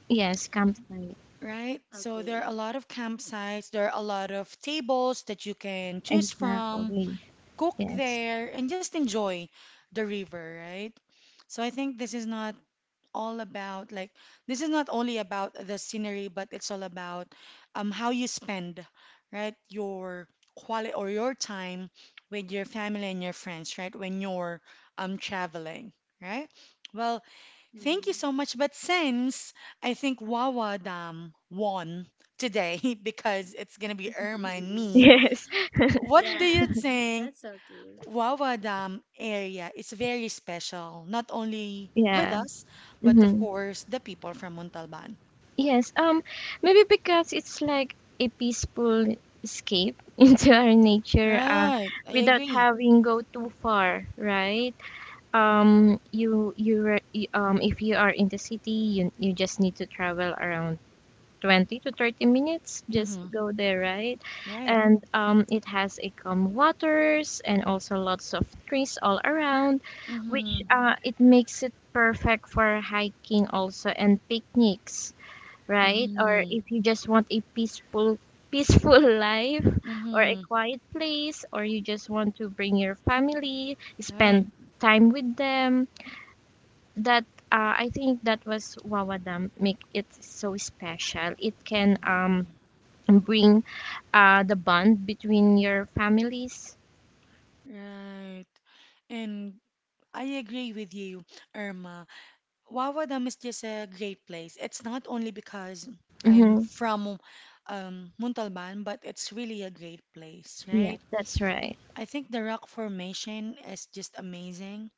Speaker 3: yes,
Speaker 2: Mhm.
Speaker 3: campsite.
Speaker 1: Right? So there are
Speaker 2: Okay.
Speaker 1: a lot of campsites, there are a lot of tables that you can choose from,
Speaker 3: Exactly.
Speaker 1: cook
Speaker 3: Yes.
Speaker 1: there, and just enjoy the river, right? So I think this is not all about like this is not only about the scenery, but it's all about how you spend, right? Your quality or your time with your family and your friends, right? When you're traveling, right? Well, thank you
Speaker 2: Mhm.
Speaker 1: so much. But since I think Wawa Dam won today (laughs) because it's gonna be Irma and me,
Speaker 2: (laughs)
Speaker 3: (laughs) Yes.
Speaker 1: what do you
Speaker 2: Yeah,
Speaker 1: think?
Speaker 2: that's okay.
Speaker 1: Wawa Dam area is very special, not only with
Speaker 3: Yeah.
Speaker 1: us, but of
Speaker 3: Mm-hmm.
Speaker 1: course the people from Montalban.
Speaker 3: Yes. Maybe because it's like a peaceful escape (laughs) into our nature,
Speaker 1: Right, I
Speaker 3: without
Speaker 1: agree.
Speaker 3: having go too far, right? You you, re- you if you are in the city, you just need to travel around 20 to 30 minutes just to
Speaker 1: Mm-hmm.
Speaker 3: go there, right?
Speaker 1: Right.
Speaker 3: And it has a calm waters and also lots of trees all around, which
Speaker 1: Mm-hmm.
Speaker 3: it makes it perfect for hiking also and picnics, right? Or
Speaker 1: Mm-hmm.
Speaker 3: if you just want a peaceful (laughs) life or a
Speaker 1: Mm-hmm.
Speaker 3: quiet place or you just want to bring your family,
Speaker 1: Right.
Speaker 3: spend time with them, that I think that was Wawa Dam make it so special. It can
Speaker 1: Mm-hmm.
Speaker 3: and bring the bond between your families.
Speaker 1: Right. And I agree with you, Irma. Wawa Dam is just a great place. It's not only because I'm
Speaker 3: Hmm.
Speaker 1: from Montalban, but it's really a great place,
Speaker 3: Yeah,
Speaker 1: right?
Speaker 3: that's right.
Speaker 1: I think the rock formation is just amazing.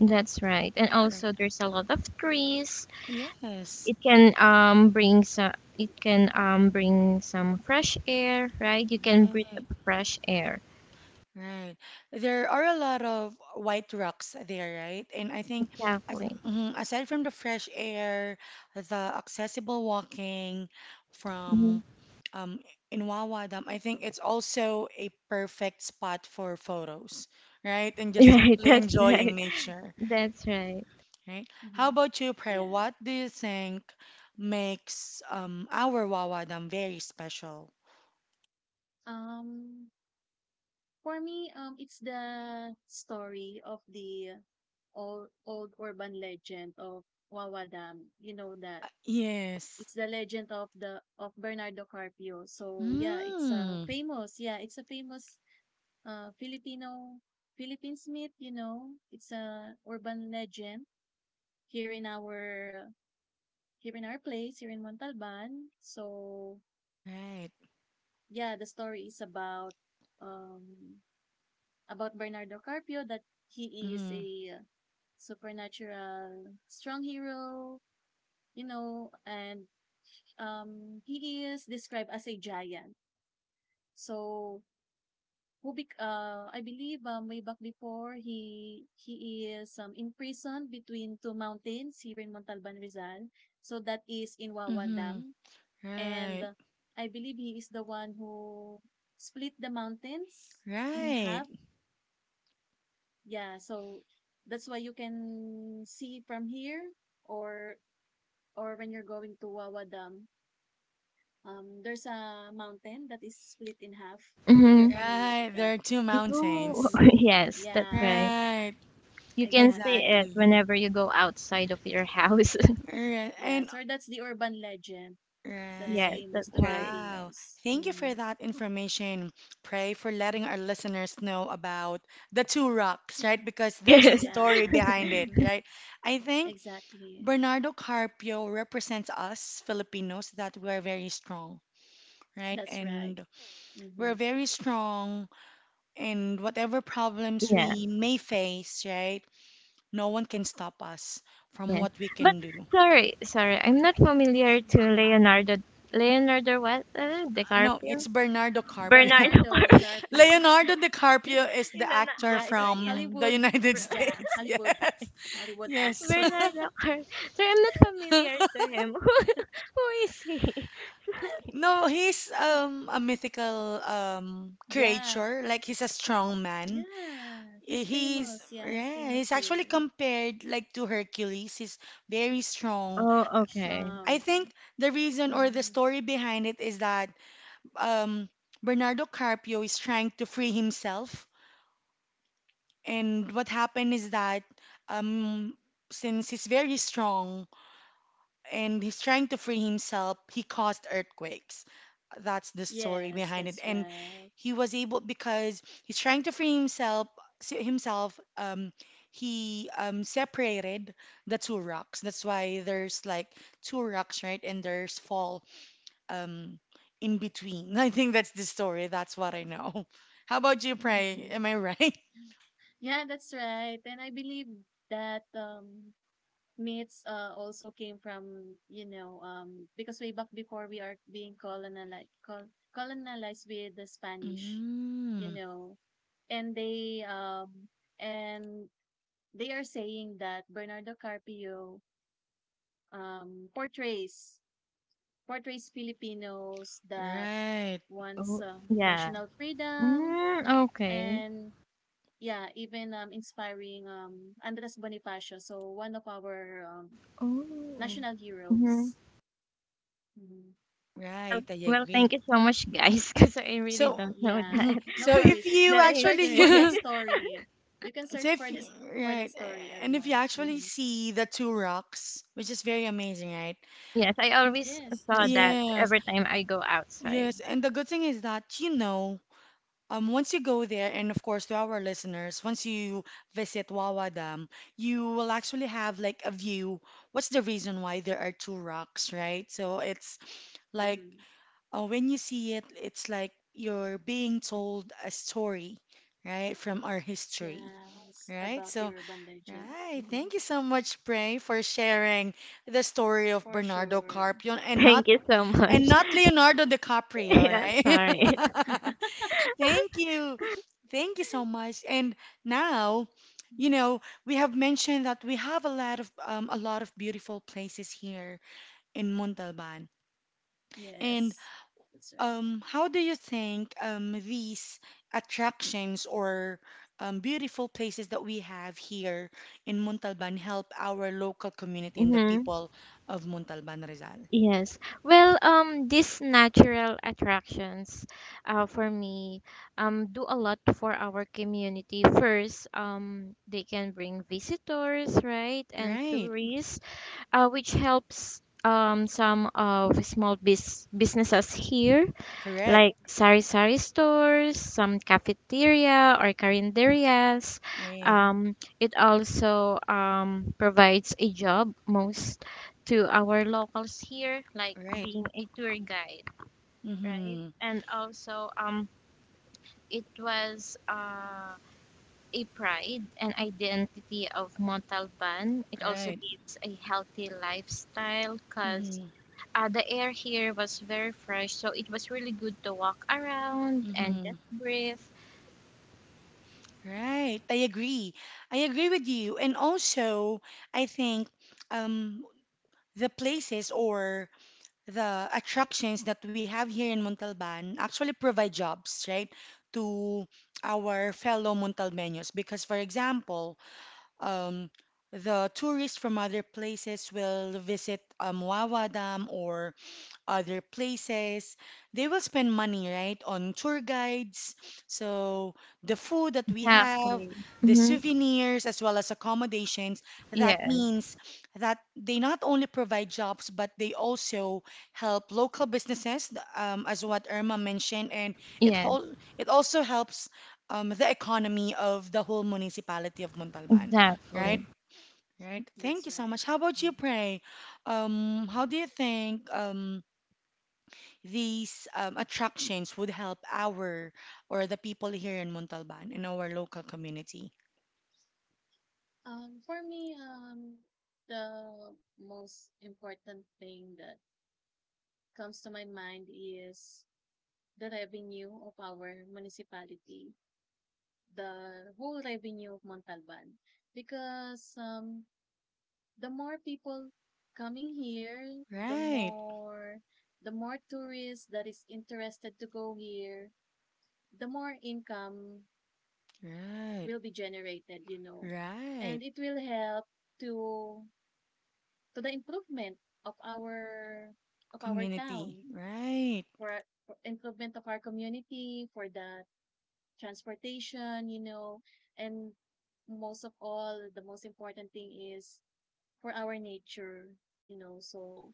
Speaker 3: That's right. And
Speaker 1: Or-
Speaker 3: also, there's a lot of trees.
Speaker 1: Yes,
Speaker 3: It can um bring some. It can bring some fresh air, right? You can breathe up
Speaker 1: right,
Speaker 3: fresh air.
Speaker 1: right. There are a lot of white rocks there, right? And I think as,
Speaker 3: Exactly.
Speaker 1: mhm, aside from the fresh air, the accessible walking
Speaker 3: Hmm.
Speaker 1: from um, Inwawa Dam, I think it's also a perfect spot for photos, right? And
Speaker 3: (laughs)
Speaker 1: just
Speaker 3: Right.
Speaker 1: simply
Speaker 3: That's
Speaker 1: enjoying
Speaker 3: right.
Speaker 1: nature.
Speaker 3: That's right.
Speaker 1: Right? How
Speaker 2: Mhm.
Speaker 1: about you, Prayer?
Speaker 2: Yeah.
Speaker 1: What do you think makes our Wawadam very special?
Speaker 2: Um, for me, it's the story of the old urban legend of Wawa Dam. You know that
Speaker 1: Yes.
Speaker 2: it's the legend of Bernardo Carpio. So yeah,
Speaker 1: Mm,
Speaker 2: it's a famous Filipino Philippine myth. You know, it's a urban legend here in our here in our place here in Montalban. So
Speaker 1: right.
Speaker 2: yeah, the story is um about Bernardo Carpio that he is
Speaker 1: Mm,
Speaker 2: a supernatural strong hero, and he is described as a giant. So I believe way back before he is imprisoned between two mountains here in Montalban Rizal. So that is in Wawa
Speaker 1: mm-hmm.
Speaker 2: Dam, and
Speaker 1: Right.
Speaker 2: I believe he is the one who split the mountains in
Speaker 1: Right.
Speaker 2: half. Yeah, so that's why you can see from here, or or when you're going to Wawa Dam. There's a mountain that is split in half, if you're
Speaker 3: Mm-hmm.
Speaker 2: familiar with
Speaker 1: Right. There
Speaker 2: that.
Speaker 1: are two
Speaker 3: You,
Speaker 1: mountains.
Speaker 2: Mm-hmm.
Speaker 3: (laughs) yes, that's right.
Speaker 2: Yeah,
Speaker 1: Right.
Speaker 3: You can see
Speaker 2: exactly.
Speaker 3: it
Speaker 1: Exactly.
Speaker 3: whenever you go outside of your house.
Speaker 1: Right.
Speaker 2: Yeah,
Speaker 1: And
Speaker 2: so that's the urban legend
Speaker 3: (laughs)
Speaker 2: that is
Speaker 3: Yes,
Speaker 1: right.
Speaker 3: that's
Speaker 2: famous to
Speaker 3: right.
Speaker 1: Wow.
Speaker 2: Filipinos.
Speaker 1: Thank you for
Speaker 2: Mm-hmm.
Speaker 1: that information, Pray, for letting our listeners know about the two rocks, right? Because there's a
Speaker 3: (laughs)
Speaker 1: story
Speaker 2: Yeah,
Speaker 1: behind it,
Speaker 2: (laughs)
Speaker 1: right? I think
Speaker 2: exactly.
Speaker 1: Bernardo Carpio represents us Filipinos that we're very strong, right?
Speaker 2: That's right.
Speaker 1: And we're
Speaker 2: Mm-hmm.
Speaker 1: very strong And whatever problems
Speaker 3: Yes.
Speaker 1: we may face, right? No one can stop us from
Speaker 3: Yes,
Speaker 1: what we
Speaker 3: but
Speaker 1: can do.
Speaker 3: sorry, sorry, I'm not
Speaker 2: That's
Speaker 3: familiar to
Speaker 2: right.
Speaker 3: Leonardo. Leonardo what?
Speaker 1: No, it's
Speaker 3: DiCaprio?
Speaker 1: Bernardo Carpio.
Speaker 3: Bernardo
Speaker 2: Bernardo
Speaker 3: (laughs) Carp
Speaker 2: Carpio.
Speaker 1: Leonardo DiCaprio is
Speaker 3: is
Speaker 1: the
Speaker 3: an
Speaker 1: actor
Speaker 2: Yeah, it's a
Speaker 3: actor. Yes,
Speaker 1: from the
Speaker 2: Hollywood.
Speaker 1: United
Speaker 3: Br-
Speaker 1: (laughs)
Speaker 2: Yeah,
Speaker 1: States.
Speaker 2: Hollywood,
Speaker 1: Yes.
Speaker 2: Hollywood
Speaker 3: (laughs)
Speaker 1: Yes.
Speaker 2: actor.
Speaker 3: Bernardo Carp. Sorry, I'm not familiar
Speaker 1: (laughs)
Speaker 3: to him. (laughs) Who is he? (laughs)
Speaker 1: No, he's
Speaker 2: (laughs)
Speaker 1: a mythical
Speaker 2: Yeah,
Speaker 1: creature. Like he's a strong man.
Speaker 2: yeah,
Speaker 1: Eh,
Speaker 2: he's
Speaker 1: He's
Speaker 2: famous. Yeah, he's
Speaker 1: yeah,
Speaker 2: famous
Speaker 1: he's actually
Speaker 2: here.
Speaker 1: compared like to Hercules. He's very strong.
Speaker 3: Oh, okay.
Speaker 1: I
Speaker 2: Strong. Yeah.
Speaker 1: think the reason or the
Speaker 2: Hmm.
Speaker 1: story behind it is that um Bernardo Carpio is trying to free himself, and what happened is that um since he's very strong and he's trying to free himself. He caused earthquakes. That's the story
Speaker 2: Yes,
Speaker 1: behind it.
Speaker 2: that's
Speaker 1: And
Speaker 2: right.
Speaker 1: he was able because he's trying to free himself. Himself, he separated the two rocks. That's why there's like two rocks, right? And there's fall um, in between. (laughs) I think that's the story. That's what I know. (laughs) How about you, Pray?
Speaker 2: Hmm.
Speaker 1: Am I right? (laughs)
Speaker 2: Yeah, that's right. And I believe that myths also came from because way back before we are being colonized with the Spanish, you
Speaker 1: Mm,
Speaker 2: know, and they um and they are saying that Bernardo Carpio um, portrays portrays Filipinos that
Speaker 1: right,
Speaker 2: wants
Speaker 3: Oh, yeah.
Speaker 2: national freedom,
Speaker 3: Mm, okay.
Speaker 2: and yeah, even inspiring Andres Bonifacio, so one of our
Speaker 3: Oh.
Speaker 2: national
Speaker 3: Hmm.
Speaker 2: heroes. Mhm.
Speaker 3: Well,
Speaker 1: right. I
Speaker 3: well, thank
Speaker 1: agree.
Speaker 3: you so much, guys, (laughs) because I really
Speaker 1: So,
Speaker 3: don't know
Speaker 2: Yeah,
Speaker 1: mhm.
Speaker 3: that
Speaker 2: no
Speaker 1: So if
Speaker 2: worries.
Speaker 3: (laughs)
Speaker 2: You
Speaker 1: you
Speaker 3: that
Speaker 2: can
Speaker 1: actually
Speaker 2: search for
Speaker 3: history.
Speaker 2: that
Speaker 1: (laughs)
Speaker 2: story. You can
Speaker 1: so
Speaker 2: search
Speaker 1: if
Speaker 2: for that
Speaker 1: right
Speaker 2: story,
Speaker 1: and if
Speaker 2: Irma.
Speaker 1: you actually
Speaker 2: Hmm.
Speaker 1: see the two rocks, which is very amazing, right?
Speaker 3: Yes, I always
Speaker 2: Yes,
Speaker 3: saw
Speaker 2: that's
Speaker 3: that
Speaker 2: right.
Speaker 1: Yes,
Speaker 3: every time I go outside.
Speaker 1: yes. And the good thing is that you know, once you go there, and of course to our listeners, once you visit Wawa Dam, you will actually have like a view. What's the reason why there are two rocks, right? So it's like
Speaker 2: Hmm.
Speaker 1: when you see it, it's like you're being told a story, right, from our history.
Speaker 2: Yes,
Speaker 1: Right?
Speaker 2: about the
Speaker 1: So
Speaker 2: urban legend.
Speaker 1: right.
Speaker 2: Hmm.
Speaker 1: Thank you so much, Pray, for sharing the story of
Speaker 2: For
Speaker 1: Bernardo
Speaker 2: sure.
Speaker 1: Carpion
Speaker 3: (laughs)
Speaker 1: and
Speaker 3: Thank you so much.
Speaker 1: not Leonardo
Speaker 3: (laughs)
Speaker 1: DiCaprio,
Speaker 3: Yeah, sorry.
Speaker 1: right?
Speaker 2: (laughs)
Speaker 1: (laughs) Thank you. Thank you so much. And now, you know, we have mentioned that we have a lot of beautiful places here in Montalban. And
Speaker 2: Yes, that's right.
Speaker 1: how do you think these attractions or beautiful places that we have here in Montalban help our local community and the
Speaker 3: Hmm.
Speaker 1: people of Montalban, Rizal?
Speaker 3: Yes. Well, these natural attractions, for me, do a lot for our community. First, they can bring visitors, right, and
Speaker 1: Right,
Speaker 3: tourists, which helps some of small businesses here
Speaker 1: correct,
Speaker 3: like sari-sari stores, some cafeteria or carinderias.
Speaker 1: right,
Speaker 3: It also provides a job most to our locals here, like
Speaker 1: right.
Speaker 3: being a tour guide, right?
Speaker 1: Mm-hmm.
Speaker 3: And also, it was a pride and identity of Montalban. It also
Speaker 1: Right.
Speaker 3: leads a healthy lifestyle because
Speaker 1: Mm-hmm.
Speaker 3: the air here was very fresh, so it was really good to walk around and
Speaker 1: Mm-hmm.
Speaker 3: just breathe.
Speaker 1: Right. I agree. I agree with you. And also, I think um, the places or the attractions that we have here in Montalban actually provide jobs, right, to our fellow Montalbanos. Because, for example, um, the tourists from other places will visit Wawa Dam or other places. They will spend money, right, on tour guides. So the food that we have,
Speaker 3: Exactly.
Speaker 1: the
Speaker 3: Mm-hmm.
Speaker 1: souvenirs, as well as accommodations, that
Speaker 3: Yeah,
Speaker 1: means that they not only provide jobs, but they also help local businesses, as what Irma mentioned, and it
Speaker 3: yeah,
Speaker 1: whole, it also helps the economy of the whole municipality of Montalban,
Speaker 3: exactly.
Speaker 1: right? Right.
Speaker 2: That's
Speaker 1: Thank you
Speaker 2: right.
Speaker 1: so much. How
Speaker 2: Mhm.
Speaker 1: about you, Pray? How do you think these attractions would help our or the people here in Montalban in our local community?
Speaker 2: For me, the most important thing that comes to my mind is the revenue of our municipality, the whole revenue of Montalban. Because the more people coming here, the
Speaker 1: Right,
Speaker 2: more the more tourists that is interested to go here, the more income
Speaker 1: right,
Speaker 2: will be generated.
Speaker 1: right.
Speaker 2: And it will help to to the improvement of our of our
Speaker 1: Community,
Speaker 2: town
Speaker 1: right.
Speaker 2: for, for improvement of our community, for the transportation, and most of all, the most important thing is for our nature, you know. So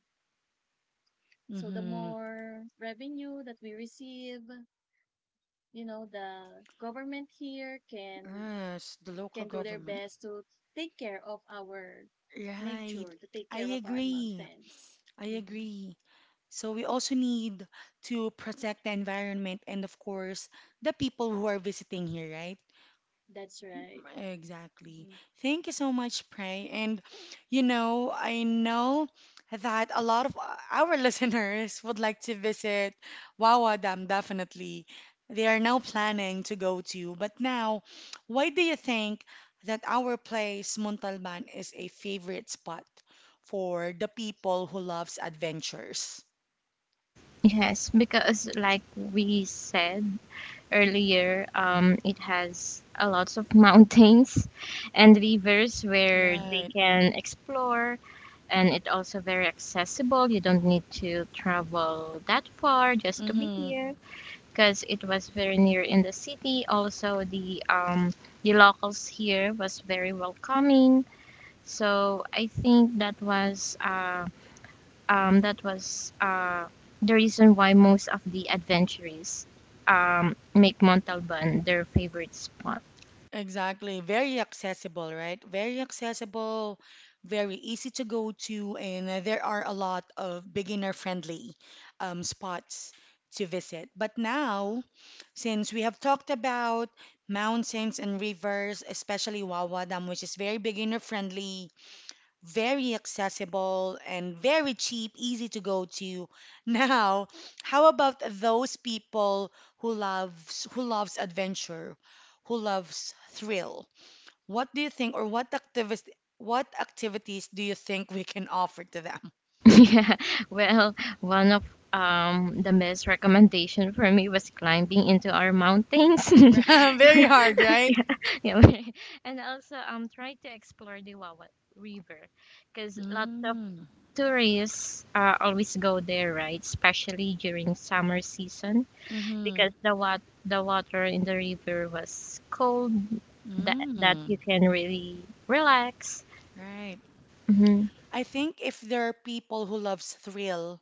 Speaker 2: so the
Speaker 1: Mm-hmm.
Speaker 2: more revenue that we receive, the government here can
Speaker 1: Yes, the local
Speaker 2: can do their
Speaker 1: government.
Speaker 2: best to take care of our
Speaker 1: Right.
Speaker 2: nature, to take
Speaker 1: I
Speaker 2: care of our
Speaker 1: agree.
Speaker 2: mountains.
Speaker 1: I
Speaker 2: Mhm.
Speaker 1: agree. So we also need to protect the environment and of course the people who are visiting here, right?
Speaker 2: That's right.
Speaker 1: Exactly.
Speaker 2: Mhm.
Speaker 1: Thank you so much, Pray. And you know, I know that a lot of our (laughs) listeners would like to visit Wawa Dam, definitely. They are now planning to go to. But now, why do you think that our place, Montalban, is a favorite spot for the people who loves adventures?
Speaker 3: Yes, because like we said earlier, it has a lots of (laughs) mountains and rivers where they
Speaker 1: Right.
Speaker 3: can explore, and it also very accessible. You don't need to travel that far just to be here, because it was very near in the city. Also, the locals here was very welcoming. So I think that was the reason why most of the adventurers make Montalban their favorite spot.
Speaker 1: Exactly. Very accessible, right? Very accessible, very easy to go to, and there are a lot of beginner-friendly spots to visit. But now, since we have talked about mountains and rivers, especially Wawa Dam, which is very beginner-friendly, very accessible and very cheap, easy to go to. (laughs) Now, how about those people who loves adventure, who loves thrill? What do you think, or what activities do you think we can offer to them?
Speaker 3: (laughs) Yeah, well, one of the best recommendation for me was climbing into our mountains.
Speaker 1: (laughs)
Speaker 3: (laughs)
Speaker 1: Very hard, right?
Speaker 3: Yeah, (laughs) and also try to explore the Wawa River because lots of
Speaker 1: Mm,
Speaker 3: tourists always go there, right? Especially during summer season
Speaker 1: mm-hmm,
Speaker 3: because the wat the water in the river was cold that you
Speaker 1: mm,
Speaker 3: can really relax.
Speaker 1: right.
Speaker 3: Hmm.
Speaker 1: I think if there are people who loves thrill,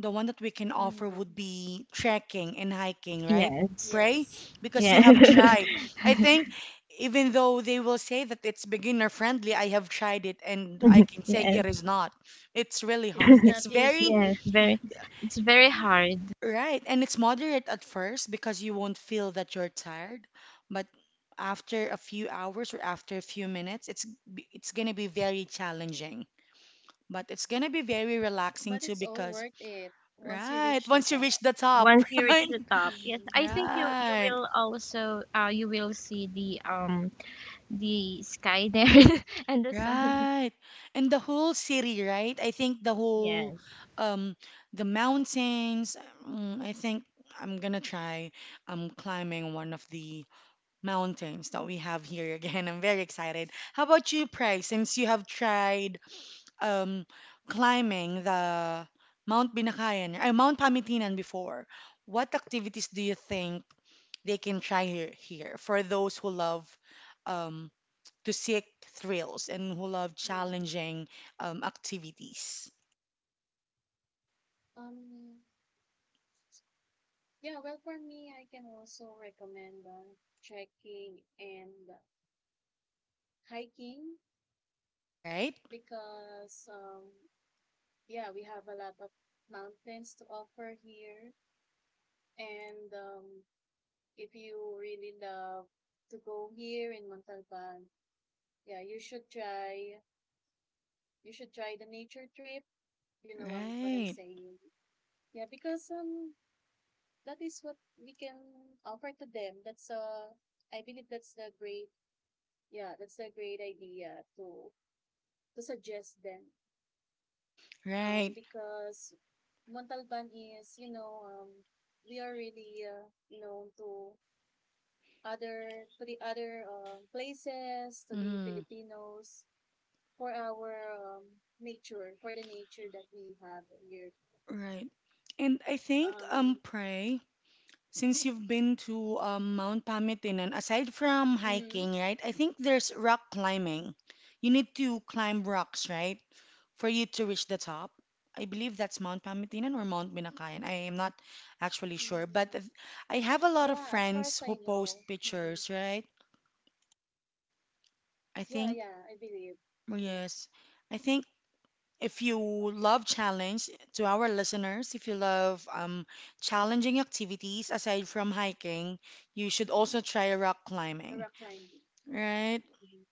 Speaker 1: the one that we can offer
Speaker 2: Mm-hmm.
Speaker 1: would be trekking and hiking, right?
Speaker 3: Yes.
Speaker 1: Pray,
Speaker 2: Yes.
Speaker 1: because
Speaker 3: Yeah.
Speaker 1: you have tried. I think even though they will say that it's beginner friendly, I have tried it and I
Speaker 3: (laughs)
Speaker 1: can say
Speaker 3: Yes.
Speaker 1: it is not. It's really
Speaker 2: This
Speaker 1: hard.
Speaker 2: is
Speaker 3: (laughs)
Speaker 2: not
Speaker 1: It's very
Speaker 2: easy,
Speaker 3: Yes,
Speaker 2: (laughs)
Speaker 3: very it's very hard
Speaker 1: right and it's moderate at first because you won't feel that you're tired, but after a few hours or after a few minutes, it's going to be very challenging. But it's gonna be very relaxing
Speaker 2: but
Speaker 1: too
Speaker 2: it's all
Speaker 1: because,
Speaker 2: worth it once you
Speaker 1: right,
Speaker 2: reach the
Speaker 1: once you reach
Speaker 2: top.
Speaker 1: the top,
Speaker 3: once you
Speaker 1: (laughs)
Speaker 3: reach
Speaker 1: right?
Speaker 3: the top. Yes, I
Speaker 2: Mm-hmm.
Speaker 3: think
Speaker 2: (laughs)
Speaker 3: you
Speaker 1: Right,
Speaker 3: will also you will see the sky there (laughs) and the sun.
Speaker 1: right. And the whole city, right? I think the whole
Speaker 3: Yes.
Speaker 1: um the mountains, mm, I think I'm gonna try climbing one of the mountains that we have here (laughs) again. I'm very excited. How about you, Price, since you have tried um climbing the Mount Binakayan or Mount Pamitinan before, what activities do you think they can try here for those who love um to seek thrills and who love
Speaker 2: Yeah.
Speaker 1: challenging activities,
Speaker 2: Um. Yeah. Well, for me, I can also recommend trekking and hiking
Speaker 1: right?
Speaker 2: because. Yeah, we have a lot of mountains to offer here, and if you really love to go here in Montalban, yeah, you should try. You should try the nature trip. You know what I'm
Speaker 1: Right,
Speaker 2: saying. Yeah, because that is what we can offer to them. That's I believe that's the great. Yeah, that's a great idea to suggest them.
Speaker 1: right,
Speaker 2: Because Montalban we are really known to the other places to the
Speaker 1: mm,
Speaker 2: Filipinos for our nature, for the nature that we have here.
Speaker 1: right. And I think,
Speaker 2: Um,
Speaker 1: Pray, since you've been to Mount Pamitinan, aside from
Speaker 2: mhm.
Speaker 1: hiking, right, I think there's rock climbing. You need to climb rocks, right, for you to reach the top. I believe that's Mount Pamitinan or Mount Binakayan. I am not actually sure, but
Speaker 2: Mm.
Speaker 1: I have a lot of
Speaker 2: Yeah, as far
Speaker 1: friends
Speaker 2: as
Speaker 1: who
Speaker 2: I
Speaker 1: post
Speaker 2: know. Mhm.
Speaker 1: pictures, right? I
Speaker 2: Yeah,
Speaker 1: think
Speaker 2: yeah, I believe. Mhm.
Speaker 1: yes, I think if you love challenge, to our listeners, if you love challenging activities aside from hiking, you should also try rock
Speaker 2: The
Speaker 1: climbing,
Speaker 2: rock climbing.
Speaker 1: right?
Speaker 2: Mhm.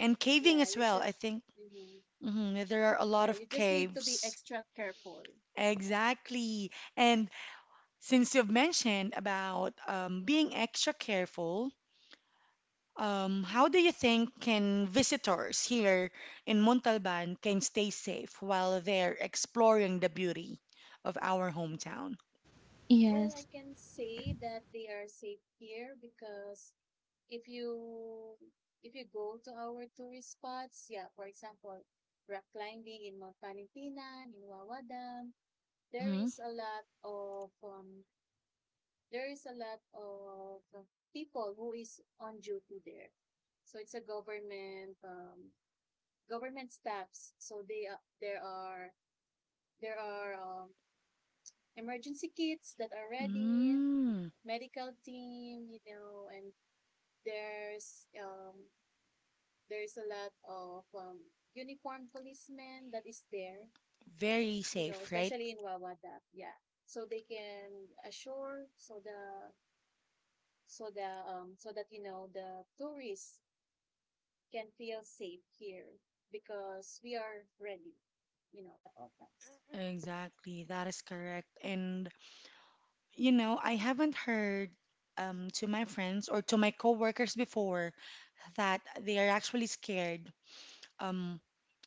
Speaker 1: And caving
Speaker 2: Yeah,
Speaker 1: as
Speaker 2: you
Speaker 1: well.
Speaker 2: should.
Speaker 1: I think
Speaker 2: Mhm.
Speaker 1: mhm, there are a lot
Speaker 2: Yeah, you
Speaker 1: of
Speaker 2: just need to be
Speaker 1: caves.
Speaker 2: extra careful. Yeah.
Speaker 1: Exactly. And since you've mentioned about being extra careful, how do you think can visitors here in Montalban can stay safe while they're exploring the beauty of our hometown?
Speaker 2: Well, I
Speaker 3: Yes.
Speaker 2: can say that they are safe here because if you if you go to our tourist spots, yeah, for example, rock climbing in Mount Panitinan, in Wawa Dam, there
Speaker 1: Mm-hmm.
Speaker 2: is a lot of um, there is a lot of people who is on duty there. So it's a government staffs. So they there are emergency kits that are ready,
Speaker 1: Mm,
Speaker 2: medical team, and there's um there's a lot of uniformed policemen that is there,
Speaker 1: very
Speaker 2: you know,
Speaker 1: safe, right?
Speaker 2: especially in Wawadap. Yeah. So they can assure so that the tourists can feel safe here because we are ready, at all times.
Speaker 1: Exactly, that is correct. And you know, I haven't heard to my friends or to my coworkers before that they are actually scared um,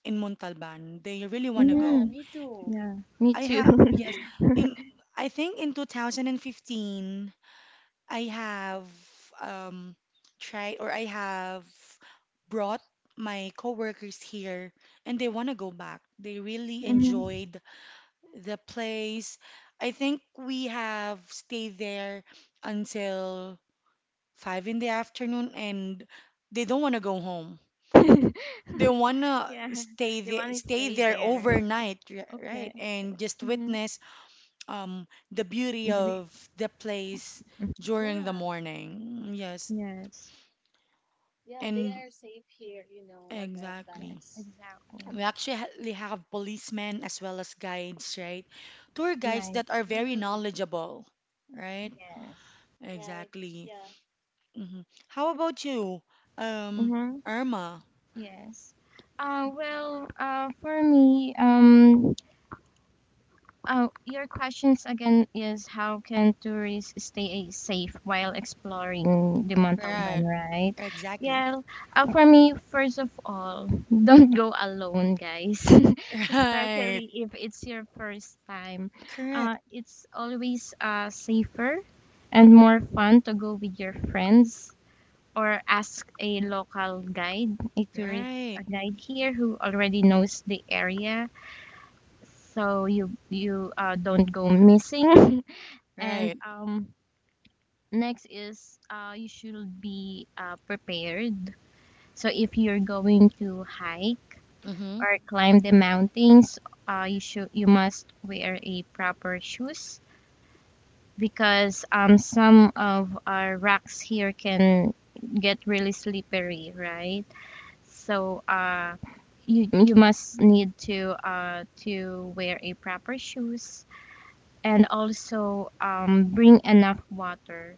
Speaker 1: in Montalban. They really want to
Speaker 2: Yeah,
Speaker 3: Mm-hmm.
Speaker 1: go.
Speaker 2: me too.
Speaker 3: Yeah. Me
Speaker 1: I
Speaker 3: too.
Speaker 1: have
Speaker 3: (laughs)
Speaker 1: yes.
Speaker 2: Mm-hmm.
Speaker 1: In I think in 2015 I have um tried or I have brought my coworkers here and they want to go back. They really
Speaker 3: Mm-hmm.
Speaker 1: enjoyed the place. I think we have stayed there until 5 in the afternoon and they don't want to go home.
Speaker 3: (laughs)
Speaker 1: They want to
Speaker 3: Yeah. They want to
Speaker 1: stay
Speaker 3: stay
Speaker 1: there
Speaker 3: there.
Speaker 1: overnight, right?
Speaker 3: Okay.
Speaker 1: And just
Speaker 3: Hmm.
Speaker 1: witness the beauty
Speaker 3: Mm-hmm.
Speaker 1: of the place during the
Speaker 2: Yeah.
Speaker 1: morning. Yes,
Speaker 3: Yes.
Speaker 2: Yeah, they
Speaker 1: and
Speaker 2: are safe here, at all
Speaker 3: Yes.
Speaker 1: exactly.
Speaker 2: times.
Speaker 3: Exactly.
Speaker 1: We actually we have policemen as well as guides, right? Tour guides
Speaker 3: Right.
Speaker 1: that are very
Speaker 2: Mm-hmm.
Speaker 1: knowledgeable, right?
Speaker 3: Yes.
Speaker 2: Right?
Speaker 1: Exactly.
Speaker 2: Yeah.
Speaker 1: hmm How about you, um,
Speaker 3: Mm-hmm.
Speaker 1: Irma?
Speaker 3: Yes. For me, oh, your questions again is how can tourists stay safe while exploring the Montalban,
Speaker 1: Right.
Speaker 3: right?
Speaker 1: Exactly.
Speaker 3: Yeah,
Speaker 1: (laughs)
Speaker 3: for me, first of all, (laughs) don't go alone, guys. (laughs)
Speaker 1: Right.
Speaker 3: Especially if it's your first time.
Speaker 1: Correct.
Speaker 3: It's always safer and more fun to go with your friends or ask a local guide, a
Speaker 1: Right.
Speaker 3: guide here who already knows the area so you don't go missing (laughs) and
Speaker 1: Right.
Speaker 3: next is you should be prepared, so if you're going to hike
Speaker 1: Mm-hmm.
Speaker 3: or climb the mountains, you must wear a proper shoes because some of our rocks here can get really slippery right, so you must need to wear a proper shoes, and also bring enough water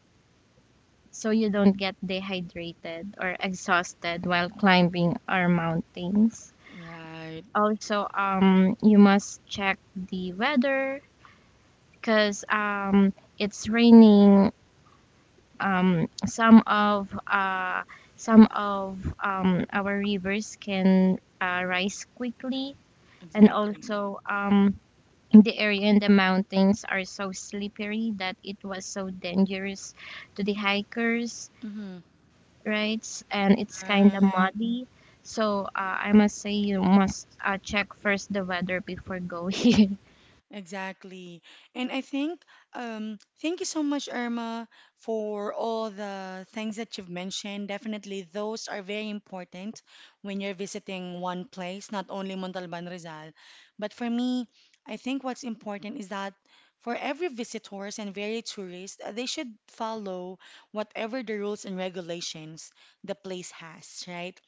Speaker 3: so you don't get dehydrated or exhausted while climbing our mountains.
Speaker 1: Right.
Speaker 3: Also, you must check the weather because it's raining. Um, some of uh, some of our rivers can rise quickly, and
Speaker 1: Exactly.
Speaker 3: also the area in the mountains are so slippery that it was so dangerous to the hikers,
Speaker 1: Mm-hmm.
Speaker 3: right? And it's kind of
Speaker 1: Right.
Speaker 3: muddy. So I must say you must check first the weather before going.
Speaker 1: Exactly. And I think, thank you so much, Irma, for all the things that you've mentioned. Definitely, those are very important when you're visiting one place, not only Montalban Rizal. But for me, I think what's important is that for every visitors and very tourist, they should follow whatever the rules and regulations the place has, right?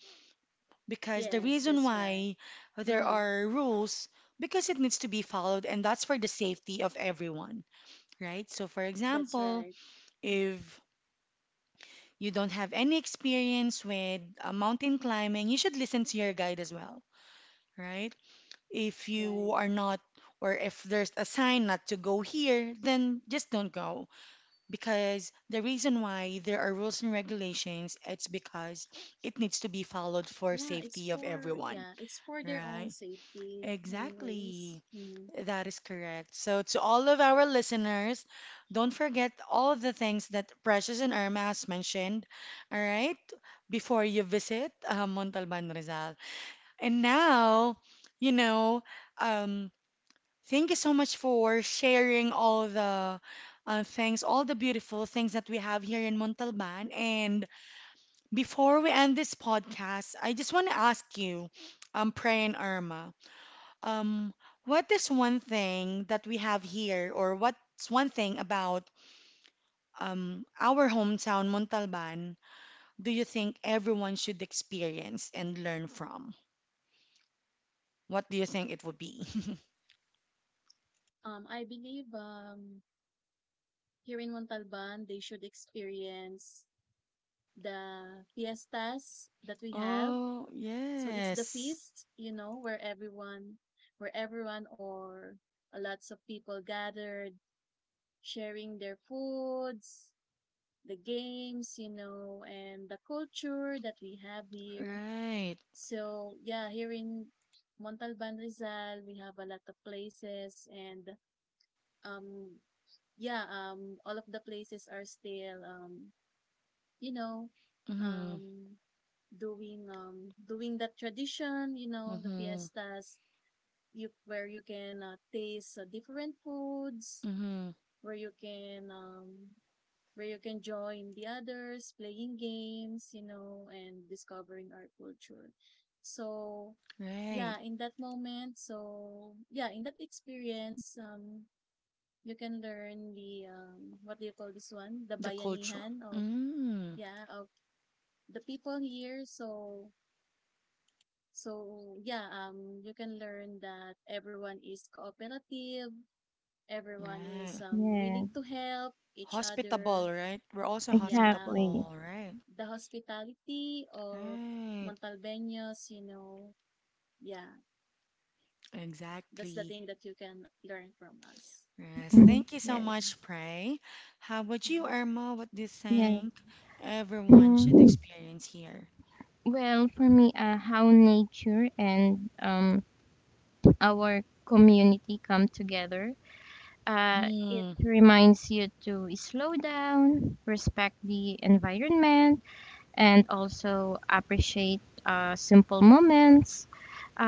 Speaker 1: Because the
Speaker 2: Yes,
Speaker 1: reason
Speaker 2: that's right.
Speaker 1: why there
Speaker 2: Mm-hmm.
Speaker 1: are rules, because it needs to be followed and that's for the safety of everyone, right? So for
Speaker 2: That's
Speaker 1: example,
Speaker 2: right. Mm.
Speaker 1: if you don't have any experience with mountain climbing, you should listen to your guide as well, right? If you
Speaker 2: Right.
Speaker 1: are not, or if there's a sign not to go here, then just don't go, because the reason why there are rules and regulations, it's because it needs to be followed for
Speaker 2: Yeah,
Speaker 1: safety of everyone,
Speaker 2: it's for their own
Speaker 1: right?
Speaker 2: safety anyways.
Speaker 1: Exactly.
Speaker 2: Mm.
Speaker 1: That is correct. So, to all of our listeners, don't forget all the things that Precious and Irma has mentioned, all right, before you visit Montalban Rizal. And now, you know, um, thank you so much for sharing all the things, all the beautiful things that we have here in Montalban. And before we end this podcast, I just want to ask you, Pray and Irma. Um, what is one thing that we have here, or what's one thing about our hometown, Montalban, do you think everyone should experience and learn from? What do you think it would be? (laughs)
Speaker 2: I believe here in Montalban, they should experience the fiestas that we have.
Speaker 1: Oh,
Speaker 2: So it's the
Speaker 1: yes.
Speaker 2: feast, where everyone or lots of people gathered, sharing their foods, the games, and the culture that we have here.
Speaker 1: Right.
Speaker 2: So yeah, here in Montalban Rizal, we have a lot of places, and um yeah, all of the places are still you know,
Speaker 1: Mm-hmm.
Speaker 2: um, doing that tradition, the
Speaker 1: Mm-hmm.
Speaker 2: fiestas, you where you can taste different foods,
Speaker 1: Mm-hmm.
Speaker 2: where you can um, where you can join the others, playing games, and discovering our culture. So yeah,
Speaker 1: Right.
Speaker 2: in that experience, you can learn the what do you call this one? The
Speaker 1: The culture.
Speaker 2: bayanihan of
Speaker 1: Mm.
Speaker 2: yeah of the people here. So yeah, you can learn that everyone is cooperative, everyone is
Speaker 1: Right.
Speaker 3: (laughs) Yeah,
Speaker 2: willing to help each other.
Speaker 1: Hospitable, right? We're also
Speaker 2: Yeah,
Speaker 3: exactly.
Speaker 1: hospitable, right?
Speaker 2: the hospitality of
Speaker 1: Right.
Speaker 2: Montalbeños, yeah, that's the
Speaker 1: Exactly.
Speaker 2: thing that you can learn from us.
Speaker 1: Yes,
Speaker 3: Mhm.
Speaker 1: thank you so
Speaker 3: Yes,
Speaker 2: Hmm.
Speaker 1: much, Pray. How about you,
Speaker 2: Hmm.
Speaker 1: Irma? What do you
Speaker 3: yes.
Speaker 1: think everyone should
Speaker 3: Mhm.
Speaker 1: experience here?
Speaker 3: Well, for me, how nature and our community come together, uh, it
Speaker 1: Mm-hmm.
Speaker 3: reminds you to slow down, respect the environment, and also appreciate simple moments.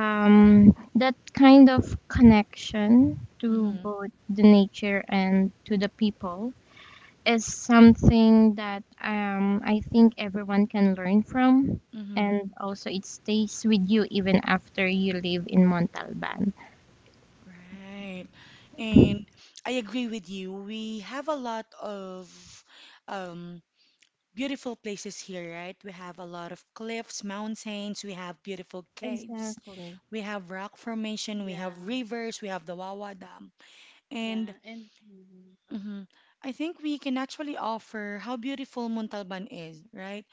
Speaker 3: That kind of connection to
Speaker 1: Mm-hmm.
Speaker 3: both the nature and to the people is something that I think everyone can learn from.
Speaker 1: Mm-hmm.
Speaker 3: And also, it stays with you even after you live in Montalban.
Speaker 1: Right. And I agree with you. We have a lot of um, beautiful places here, right? We have a lot of cliffs, mountains, we have beautiful caves,
Speaker 3: Exactly.
Speaker 1: we have rock formation, we
Speaker 2: Yeah,
Speaker 1: have rivers, we have the Wawa Dam.
Speaker 2: yeah,
Speaker 1: And
Speaker 2: and mhm.
Speaker 1: hmm I think we can actually offer how beautiful Montalban is, right?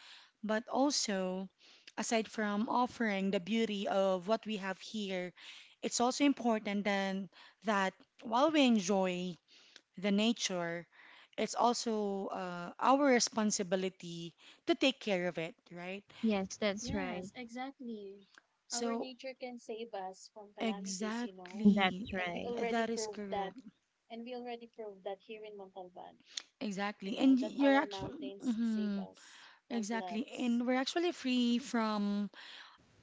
Speaker 1: But also, aside from offering the beauty of what we have here, it's also important then that while we enjoy the nature, it's also our responsibility to take care of it, right?
Speaker 3: Yes, that's
Speaker 2: Yes,
Speaker 3: right.
Speaker 2: exactly. Our
Speaker 1: So,
Speaker 2: nature can save us from calamities,
Speaker 1: exactly,
Speaker 3: That's
Speaker 2: and we
Speaker 3: right.
Speaker 2: already
Speaker 1: that is
Speaker 2: proved that.
Speaker 1: correct.
Speaker 2: And we already proved that here in Montalban, you
Speaker 1: Exactly.
Speaker 2: know
Speaker 1: And
Speaker 2: that our
Speaker 1: you're actually,
Speaker 2: mountains save us from
Speaker 1: exactly.
Speaker 2: floods.
Speaker 1: And we're actually free from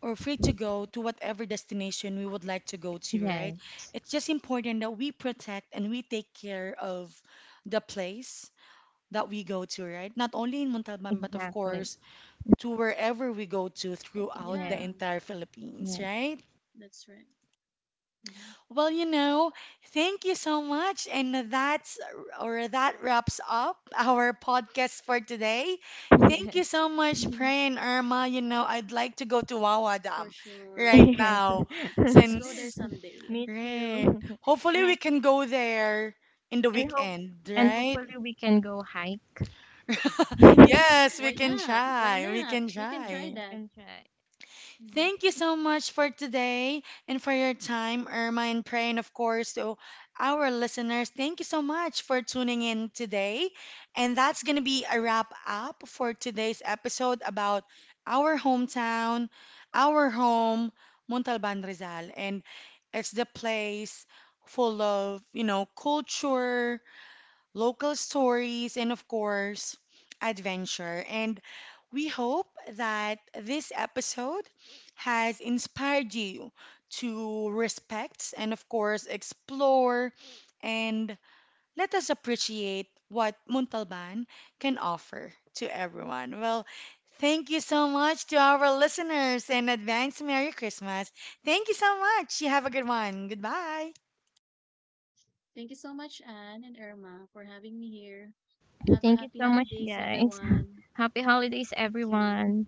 Speaker 1: or free to go to whatever destination we would like to go to, right?
Speaker 3: Yes,
Speaker 1: It's just important that we protect and we take care of the place that we go to, right? Not only in Montalban, but of
Speaker 3: exactly.
Speaker 1: course, to wherever we go to throughout the
Speaker 2: Yeah,
Speaker 3: Yes,
Speaker 1: entire Philippines,
Speaker 3: yes,
Speaker 1: right?
Speaker 2: that's right. Hmm.
Speaker 1: Well, you know, thank you so much. And that's or that wraps up our podcast for today.
Speaker 3: (laughs)
Speaker 1: Thank
Speaker 3: yes,
Speaker 1: you so much,
Speaker 3: (laughs)
Speaker 1: Pray and Irma. You know, I'd like to go to Wawa
Speaker 2: For
Speaker 1: Dam
Speaker 2: sure.
Speaker 1: right
Speaker 3: yes.
Speaker 1: now
Speaker 2: Let's go there
Speaker 3: (laughs)
Speaker 1: since,
Speaker 2: someday.
Speaker 3: Me too.
Speaker 1: right.
Speaker 2: Mhm.
Speaker 3: (laughs)
Speaker 1: Hopefully,
Speaker 3: And
Speaker 1: we
Speaker 3: I
Speaker 1: can go there in the
Speaker 3: and hope
Speaker 1: weekend,
Speaker 3: and
Speaker 1: right?
Speaker 3: hopefully we can go hike.
Speaker 1: (laughs) Yes,
Speaker 3: (laughs)
Speaker 2: Why
Speaker 1: we can
Speaker 2: not? Why
Speaker 1: try. We
Speaker 2: not?
Speaker 1: can
Speaker 2: We can try
Speaker 3: Yes,
Speaker 1: try.
Speaker 3: I
Speaker 2: that.
Speaker 3: can try.
Speaker 2: Hmm.
Speaker 1: Thank you so much for today and for your time, Irma and Pray, and of course to our listeners. Thank you so much for tuning in today. And that's going to be a wrap up for today's episode about our hometown, our home, Montalban Rizal. And it's the place full of, you know, culture, local stories, and of course, adventure. And we hope that this episode has inspired you to respect and, of course, explore and let us appreciate what Muntalban can offer to everyone. Well, thank you so much to our listeners and advance Merry Christmas. Thank you so much. You have a good one. Goodbye.
Speaker 2: Thank you so much, Anne and Irma, for having me here. Have a
Speaker 3: Thank
Speaker 2: happy
Speaker 3: you so much,
Speaker 2: holidays,
Speaker 3: guys. (laughs)
Speaker 2: everyone.
Speaker 3: Happy holidays,
Speaker 2: Thank you.
Speaker 3: everyone.